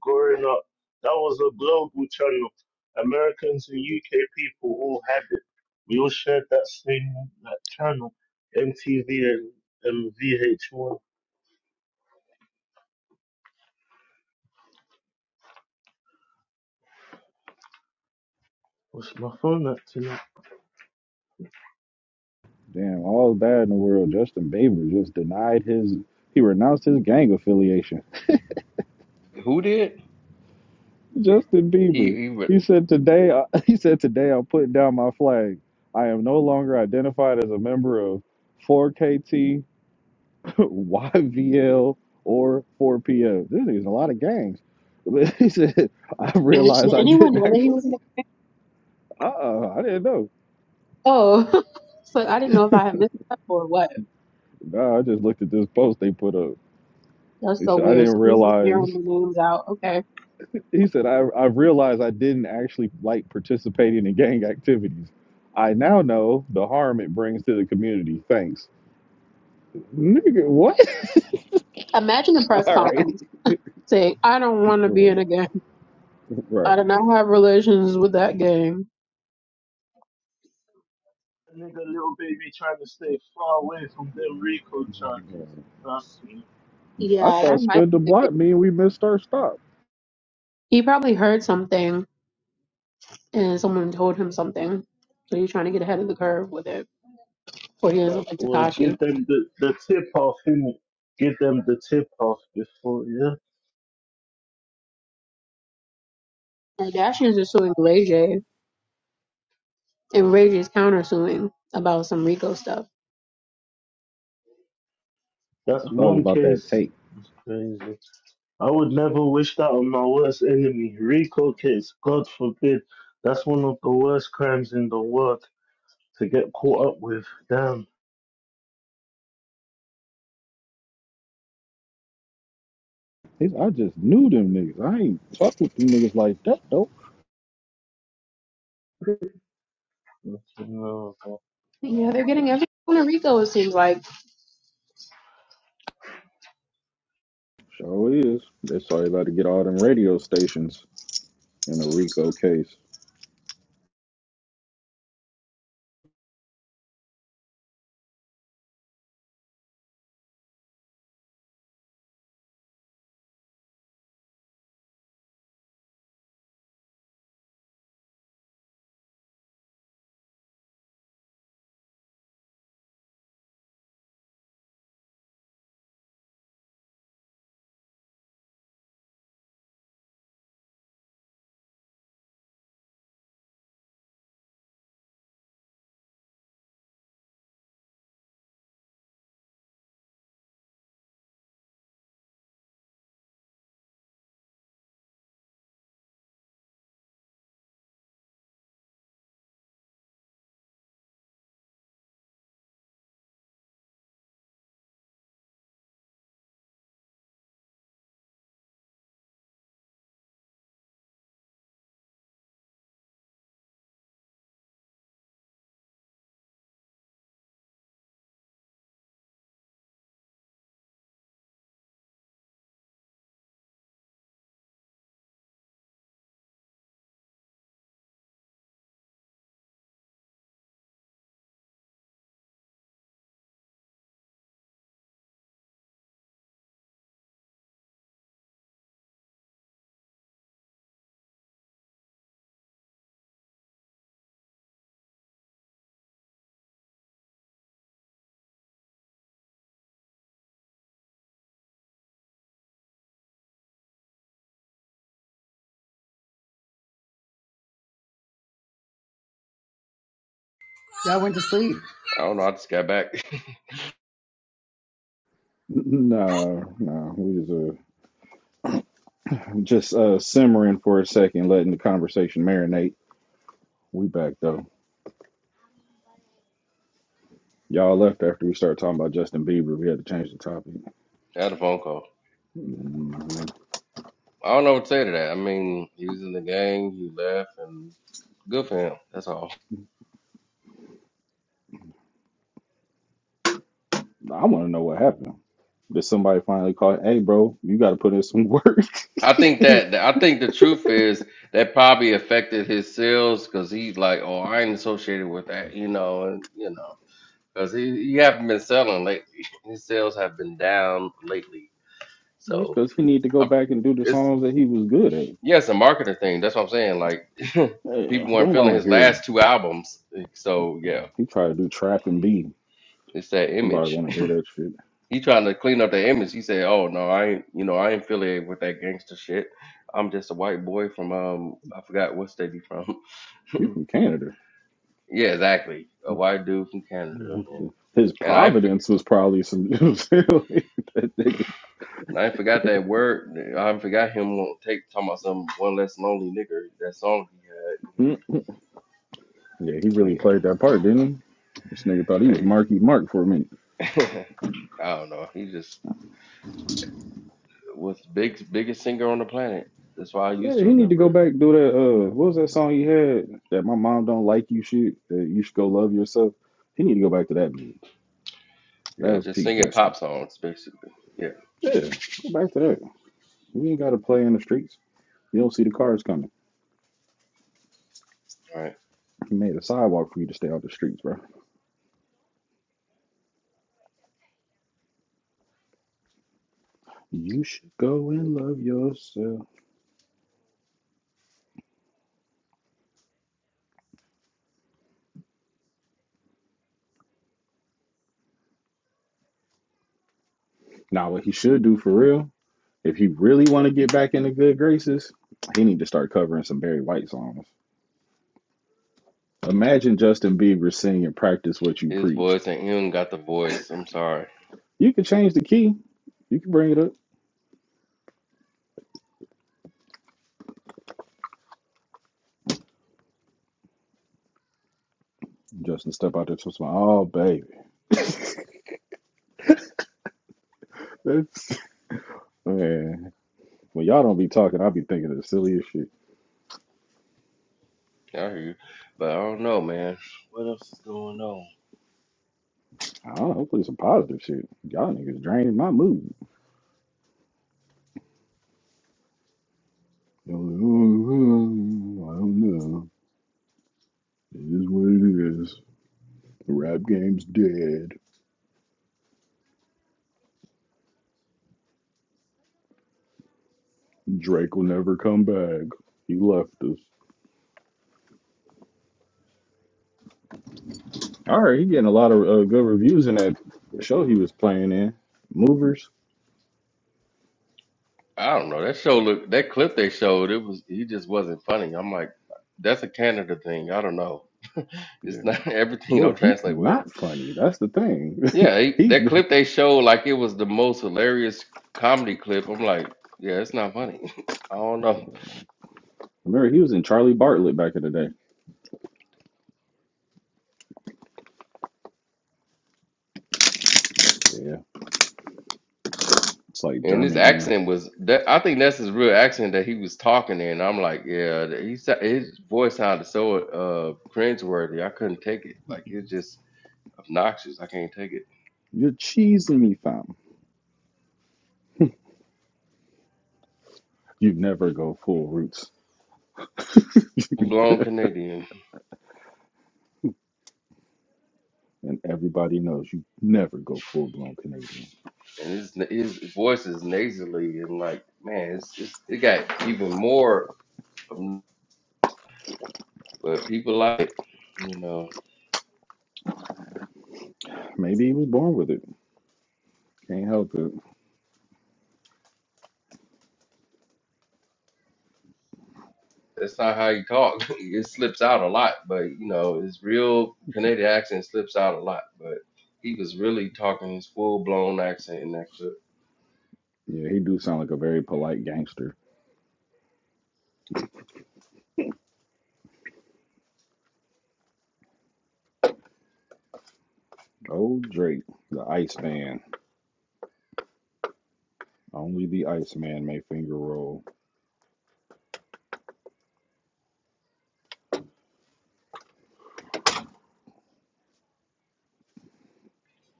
growing up. That was a global channel. Americans and UK people all had it. We all shared that same that channel, MTV and, and VH1. What's my phone at tonight?
damn, all that in the world. Justin Bieber just denied his, he renounced his gang affiliation.
Who did?
Justin
He,
Bieber.
he re-
He said today, I, he said today I'm putting down my flag. I am no longer identified as a member of 4KT, YVL, or 4PF. This is a lot of gangs. But he said, I
And
realized
did
I
anyone
didn't
know that he
actually,
was in the
uh-uh, I didn't know.
Oh, so I didn't know if I had missed that or what.
Nah, I just looked at this post they put up.
That's
He
so
said, I
weird.
didn't
So he's just hearing
realize.
the names out. Okay.
He said, I, I realized I didn't actually like participating in gang activities. I now know the harm it brings to the community. Thanks. Nigga, what?
Imagine the press
All right.
conference saying, I don't want to
Right.
be in a game.
right.
I do not have relations with that game.
Nigga, little baby trying to stay far away from them Rico charges. Trust me.
I
Yeah, that
thought
might
spend the
be the
block
case.
mean we missed our stop.
He probably heard something and someone told him something. So he's trying to get ahead of the curve with it. Or he ends
That
up like
would
Takashi.
give them the, the tip off, innit? Give them the tip off before, yeah?
And Dashians are suing Ray J. And Ray J is countersuing about some Rico stuff.
That's
I thought it was
one
about that
case.
tape.
That's crazy. I would never wish that on my worst enemy. Rico case, God forbid. That's one of the worst crimes in the world to get caught up with. Damn.
He said, I just knew them niggas. I ain't fuck with them niggas like that, though.
No,
Yeah, they're getting everyone a Rico, it seems like.
Sure is. They are sorry about to get all them radio stations in a Rico case.
Y'all went to sleep.
I don't know. I just got back.
Nah, nah. We just uh, Just uh, simmering for a second, letting the conversation marinate. We back though. Y'all left after we started talking about Justin Bieber. We had to change the topic.
I had a phone call.
Mm,
I don't know what to say to that. I mean, he was in the gang. He left, and good for him. That's all.
I want to know what happened. Did somebody finally call? Hey, bro, you got to put in some work.
I think
well,
that I think the truth is that probably affected his sales because he's like, oh, I ain't associated with that, you know, and you know, because he he haven't been selling lately. His sales have been down lately.
it's
So
because he need to go
I'm,
back and do the
it's
songs that he was good at.
yeah, it's a marketing thing. That's what I'm saying. Like
Yeah,
people weren't
don't
feeling
want to
his
hear.
last two albums. So yeah.
He tried to do trap and B.
It's that
Nobody
image.
want to hear that shit.
He trying to clean up the image. He said, "Oh no, I ain't. You know, I ain't affiliated with that gangster shit. I'm just a white boy from um, I forgot what state he from.
He from Canada.
yeah, exactly, a white dude from Canada.
Mm-hmm.
And
His
and I for,
Providence was probably some. that nigga.
and I forgot that word. I forgot him won't take talking about some one less lonely nigger. That song he had,
Yeah, he really
you
played that part, didn't he? This nigga thought he was
know.
Marky Mark for a minute.
But yeah, hey, I don't know. He just was the big biggest singer on the planet. That's why I used
Yeah,
to
he need to
remember.
go back and do that. Uh, what was that song he had? That my mom don't like you shit. That you should go love yourself. He need to go back to that music. That
Yeah,
was
just
peak
singing
Justin.
pop songs basically. Yeah,
Yeah, go back to that. You ain't got to play in the streets. You don't see the cars coming.
right.
He made a sidewalk for you to stay off the streets, bro. You should go and love yourself. Now, what he should do for real, if he really want to get back in the good graces, he need to start covering some Barry White songs. Imagine Justin Bieber singing "Practice What You
His
Preach."
voice and him got the voice. I'm sorry.
You can change the key. You can bring it up. Justin, step out there to smile. Oh, baby, that's man. When y'all don't be talking, I'll be thinking of the silliest shit.
I hear you. But I don't know, man. What else is going on?
I don't know. Hopefully, some positive shit. Y'all niggas draining my mood. Y'all like, "Oh, oh, I don't know. It is what it is. The rap game's dead. Drake will never come back. He left us. All right, he getting a lot of uh, good reviews in that show he was playing in. Movers.
I don't know. That show look that clip they showed, it was he just wasn't funny. I'm like, that's a Canada thing. I don't know. It's
yeah.
not everything
Well,
don't
he's
translate well.
not funny. That's the thing.
Yeah, he,
he's
that clip they showed like it was the most hilarious comedy clip. I'm like, yeah, it's not funny. I don't know.
remember he was in Charlie Bartlett back in the day. Yeah, it's like
And his
German humor.
accent was that I think that's his real accent that he was talking in. I'm like, yeah, that- he sa- his voice sounded so uh cringeworthy. I couldn't take it. Like it's just obnoxious. I can't take it.
You're cheesing me, fam. You never go full roots,
Blown Canadian,
and everybody knows you never go full blown Canadian.
and his his voice is nasally and like, man, it's just it got even more. obn- But people like it, you know.
Maybe he was born with it. Can't help it.
That's not how you talk. it slips out a lot, but you know, his real Canadian accent slips out a lot, but he was really talking his full blown accent in that clip.
Yeah, he do sound like a very polite gangster. Oh, Drake, the Iceman. Only the Iceman may finger roll.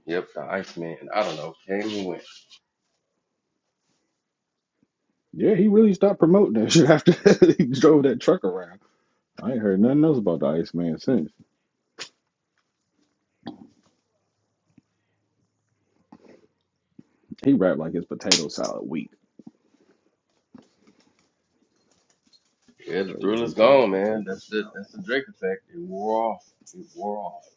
Yep, the Iceman. I don't know. Came and went.
Yeah, he really stopped promoting that shit after he drove that truck around. I ain't heard nothing else about the Iceman since. He rap like it's potato salad weak.
Yeah, the
Your
thriller's
weak ass
gone, man. That's
potatoes.
it. That's the Drake effect. It wore off. It wore off.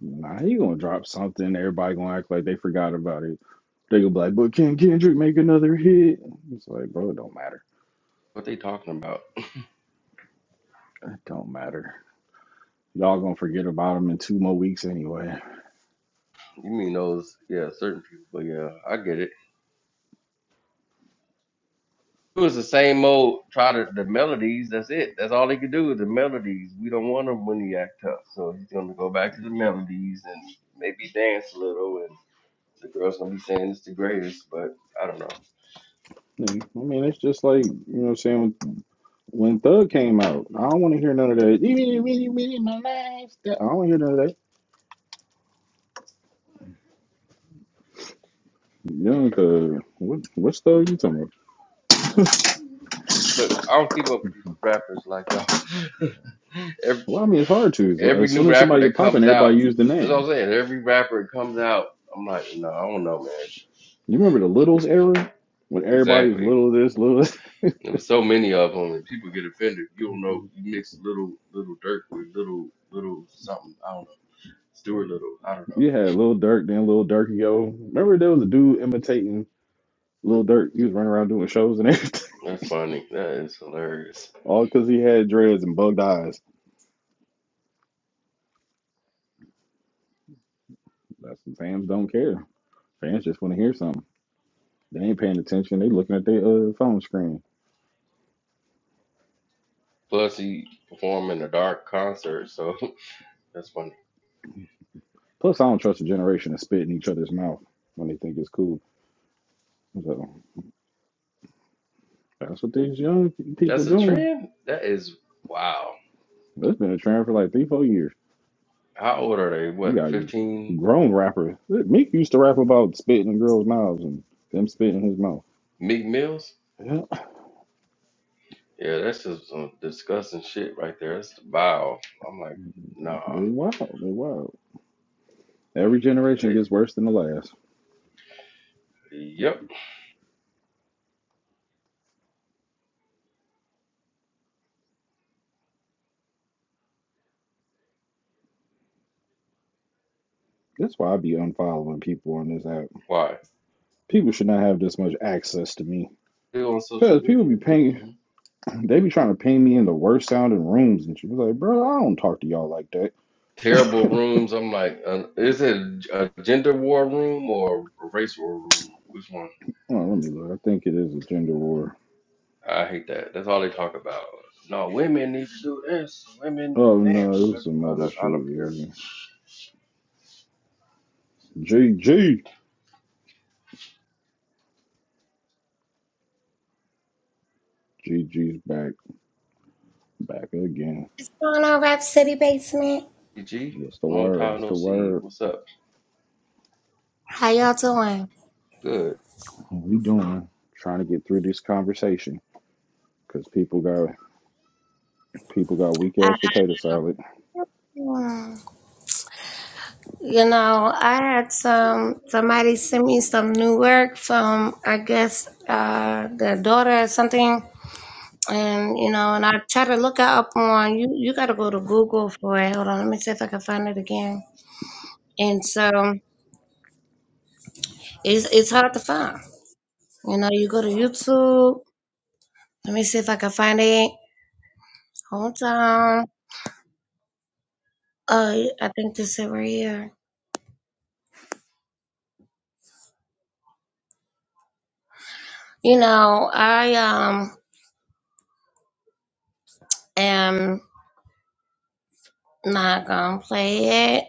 Nah, he gonna drop something. Everybody gonna act like they forgot about it. They gonna be like, but can Kendrick make another hit? It's like, bro, it don't matter.
What they talking about?
It don't matter. Y'all gonna forget about him in two more weeks anyway.
You mean those? Yeah, certain people. But yeah, I get it. It was the same old. Try to the melodies. That's it. That's all they could do is the melodies. We don't want him when he act tough, so he's gonna go back to the melodies and maybe dance a little. And the girls gonna be saying it's the greatest, but I don't know.
Like, I mean, it's just like, you know what I'm saying? When Thug came out, I don't want to hear none of that. "Really, really, really, I don't want to hear none of that. Young Thug, what, what's Thug you talking about?
Look, I don't keep up with these rappers like y'all. Every.
Well, I mean, it's hard to.
every
As
new
soon as
rapper
somebody get
that
popping,
comes out,
everybody use the
that's
name.
what I'm saying. Every rapper that comes out, I'm like, no, I don't know, man.
You remember the Littles era when everybody was
Exactly.
little this, little this?
There was so many of them, and people get offended. You don't know. You mix little little Dirk with little little something. I don't know. Stuart Little. I don't know.
You had Little Dirk, then Little Durky Yo. Remember there was a dude imitating Little Dirk? He was running around doing shows and everything,
That's funny. That is hilarious.
all because he had dreads and bugged eyes. That's what fans don't care. Fans just want to hear something. They ain't paying attention. They looking at their uh, phone screen.
Plus, he performed in a dark concert, so that's funny.
Plus, I don't trust a generation to spit in each other's mouth when they think it's cool. So that's what these young people
That's a
doing.
trend. That is wow.
That's been a trend for like three, four years.
How old are they?
You
What,
got
15?
grown rappers. Meek used to rap about spitting in girls' mouths and them spitting in his mouth.
Meek Mills?
Yeah.
Yeah, that's just some disgusting shit right there. That's vile. I'm like,
That's-
nah.
They wild. They wild. Every
Yeah,
generation gets worse than the last.
they, yep.
That's why I be unfollowing people on this app.
Why?
People should not have this much access to me.
Still on social
Cause people be
media.
paying,
Mhm.
they be trying to ping me in the worst sounding rooms and she It's Like, bro, I don't talk to y'all like that.
Terrible
Hold
rooms. I'm like, uh, is it a gender war room or a race war room? Which one?
on, let me look. I think it is a gender war.
I hate that. That's all they talk about. No, women need to do this. Women,
Oh
the man.
no,
I
it was some
don't,
other
I don't care.
shit. G G G G's back. Back again.
going on, Rap City Basement?
G, G,
What's the
long
word?
time
What's the
no see.
word?
What's up?
How y'all doing?
Good.
What we doing? Trying to get through this conversation because people got people got weak
I,
ass potato salad.
you know, I had some somebody send me some new work from I guess uh their daughter or something. And you know, and I try to look it up on you you gotta go to Google for it. Hold on, let me see if I can find it again. And so it's it's hard to find. You know, you go to YouTube. Let me see if I can find it. Hold on. Oh, I think this is right here. You know, I um am not gonna play it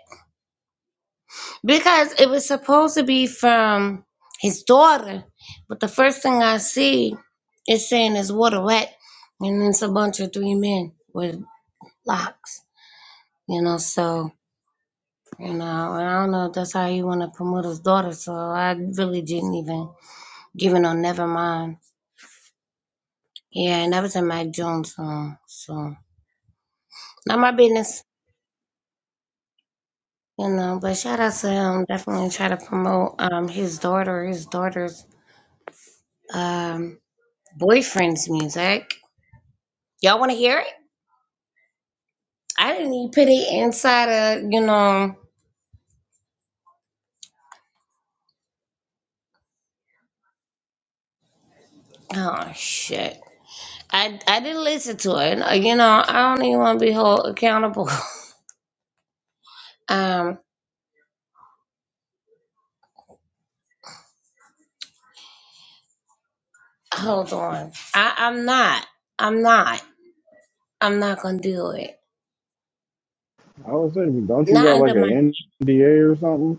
because it was supposed to be from his daughter, but the first thing I see is saying it's water wet, and it's a bunch of three men with locks, you know. So you know, and I don't know if that's how you want to promote his daughter. So I really didn't even give it no never mind. Yeah, and that was a Mike Jones song, so not my business. You know, but shout out to him. Definitely try to promote um his daughter, his daughters um, boyfriend's music. Y'all want to hear it? I didn't even put it inside of, you know, oh shit. I, I didn't listen to it. Uh, You know, I don't even want to be held accountable. Um, hold on. I, I'm not. I'm not. I'm not going to do it.
I was saying, don't you
Not
got like
under my.
an NDA or something?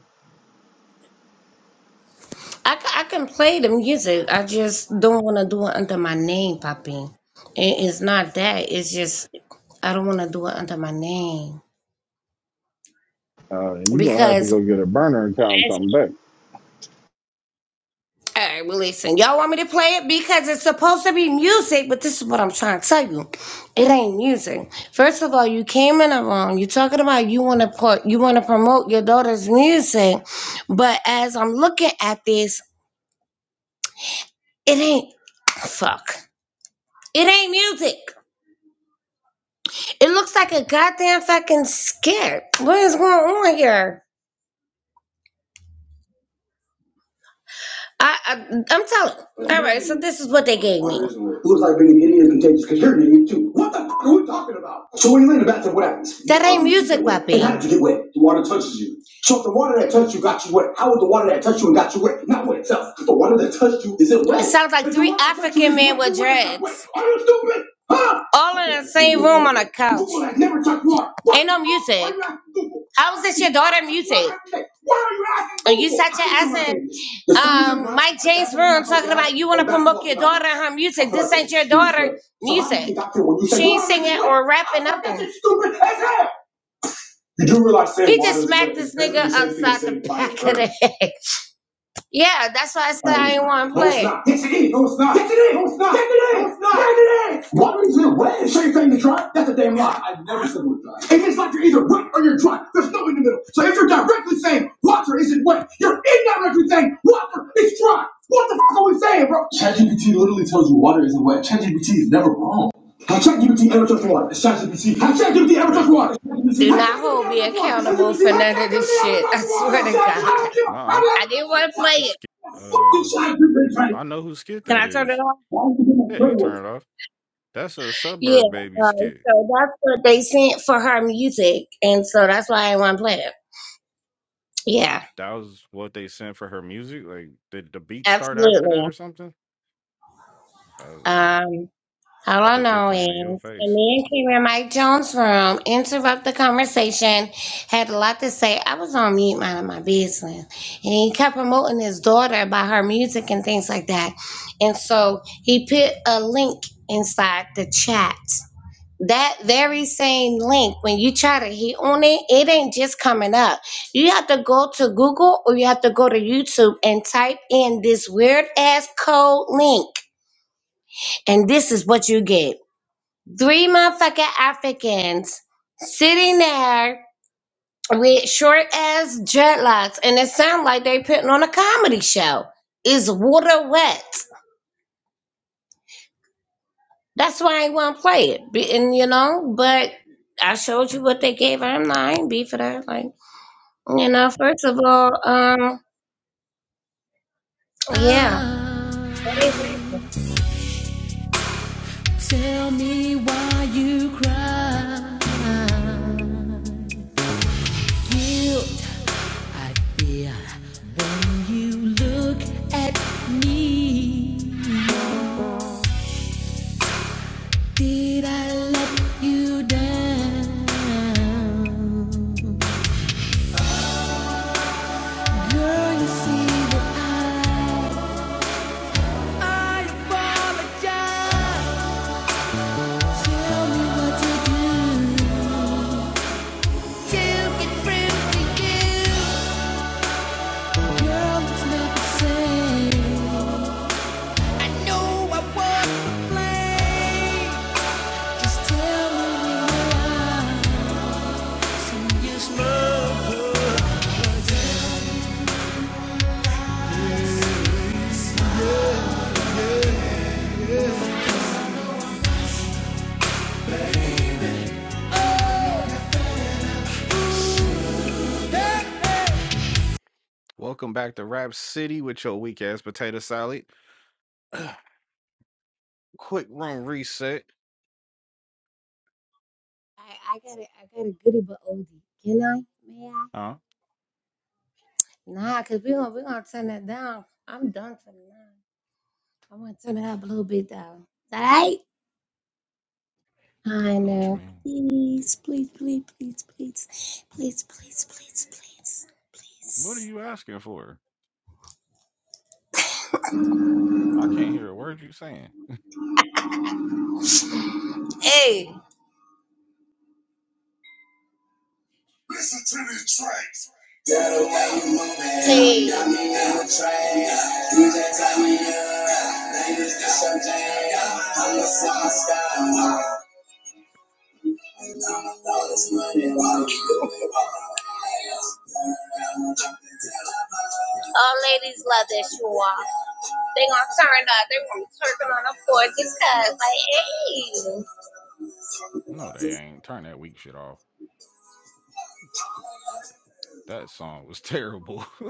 I, ca- I can play the music. I just don't want to do it under my name, Poppy. It, it's not that. It's just I don't want to do it under my name
Uh, you gonna have to
because
go get a burner account and come back.
All right, well, listen, y'all want me to play it because it's supposed to be music, but this is what I'm trying to tell you. It ain't music. First of all, you came in the wrong. You're talking about you want to put, you want to promote your daughter's music, but as I'm looking at this, it ain't, fuck. It ain't music. It looks like a goddamn fucking skit. What is going on here? I, I I'm telling. All right, so this is what they gave me. Looks like being an idiot is contagious because you're an idiot too. What the fuck are we talking about? So when you lay in the bathroom, what happens? That ain't music, And how Papi. did you get wet? The water touches you. So if the water that touched you got you wet, how would the water that touched you and got you wet not wet itself? The water that touched you isn't It wet. It sounds like three African men with dreads, Are you stupid? Huh? all in the same room on a couch. Google has never touched water. Ain't no music. How is this your daughter music? And you such an asset. Um, Mike James room talking about you want to promote your daughter and her music. This ain't your daughter music. She ain't singing or rapping nothing. You do realize he just smacked this nigga upside the back of the head. Yeah, that's why I said I didn't want to play. No, it's play. it. not. Pitch it is. No, it's not. Yes, it is. No, it's not. Yes, it is. No, it's not. Yes, it is. Why would you say wet? So you're saying to dry? That's a damn lie. I never said we're dry. It is like you're either wet or you're dry. There's no in the middle. So if you're directly saying water isn't wet, you're indirectly saying water is dry. What the fuck are we saying, bro? ChatGPT literally tells you water isn't wet. ChatGPT is never wrong. ChatGPT ever touched water? It's ChatGPT. ChatGPT ever touched
baby.
water? Do not hold me accountable for none of this shit. I swear to God. I
Nah,
didn't want to play
you
it.
skip. Uh, I know who skit
Can
that
I turn it
is.
off?
Yeah, you can turn it off. That's a
Yeah,
suburb baby
uh,
skit.
so that's what they sent for her music, and so that's why I want to play it. Yeah,
That was what they sent for her music. Like, did the beat start after that
absolutely.
or something? I was, um,
Um, All
I
I
think they
know
playing in your
is
face.
and me and came in Mike Jones' room, interrupt the conversation, had a lot to say. I was on mute minding my business. And he kept promoting his daughter by her music and things like that. And so he put a link inside the chat. That very same link, when you try to hit on it, it ain't just coming up. You have to go to Google or you have to go to YouTube and type in this weird ass code link. And this is what you get. Three motherfucking Africans sitting there with short ass dreadlocks, and it sounds like they putting on a comedy show. Is water wet? That's why I want to play it. Be- And you know, but I showed you what they gave her. I'm not I ain't beef for that. Like, you know, first of all, um, yeah. That ain't right.
See why you cry. Guilt I feel when you look at me. Did I let you down? Girl, you see that I, I apologize. Tell me what to do to get through to you. Welcome back to Rap City with your weak ass potato salad. Quick room reset.
I, I got a, I got a goodie but oldie. Can I? May I?
Huh?
Nah, cause we gonna we gonna turn that down. I'm done for now. I want to turn it up a little bit though. Alright?
I know what you
Hannah,
mean.
please, please, please, please, please, please, please, please, please,
What are
please.
you asking for? I can't hear a word you saying.
Hey, see, all ladies love this, you all. They gonna turn up. They gonna be twerking on the floor just cause.
No, they ain't. Turn that weak shit off. That song was terrible.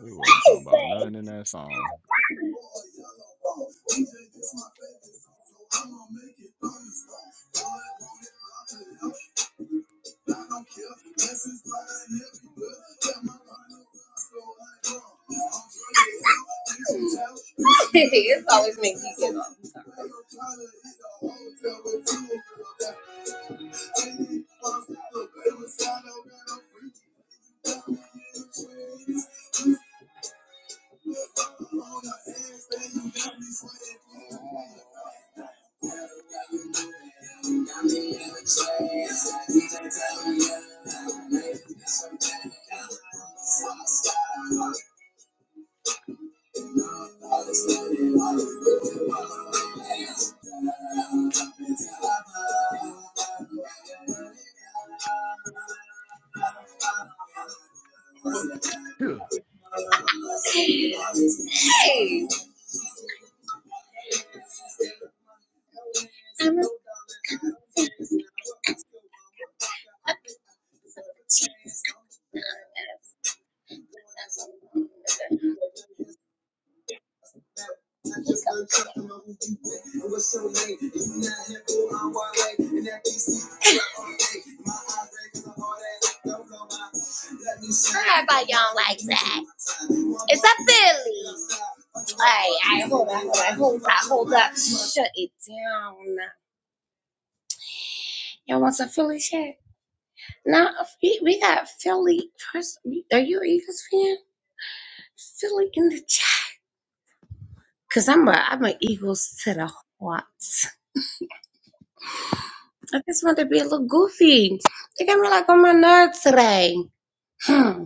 we wasn't talking about nothing in that song.
Like, hey, it's always making me giggle.
Good
Sorry y'all like that. It's a Philly. Alright, alright, hold up, hold up, hold up, hold up. Shut it down. Y'all want some Philly shit? Now we, we got Philly. Are you an Eagles fan? Philly in the chat. Cause I'm a I'm an Eagles to the heart. I just want to be a little goofy. They got me like on my nerves today. Hmm.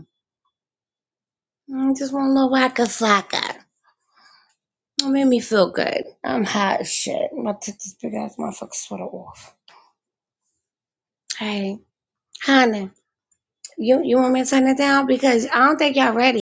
I just want a little waka flocka. It made me feel good. I'm hot as shit. I'm about to take this big ass motherfucker sweater off. Hey, honey, you you want me to turn it down because I don't think y'all ready.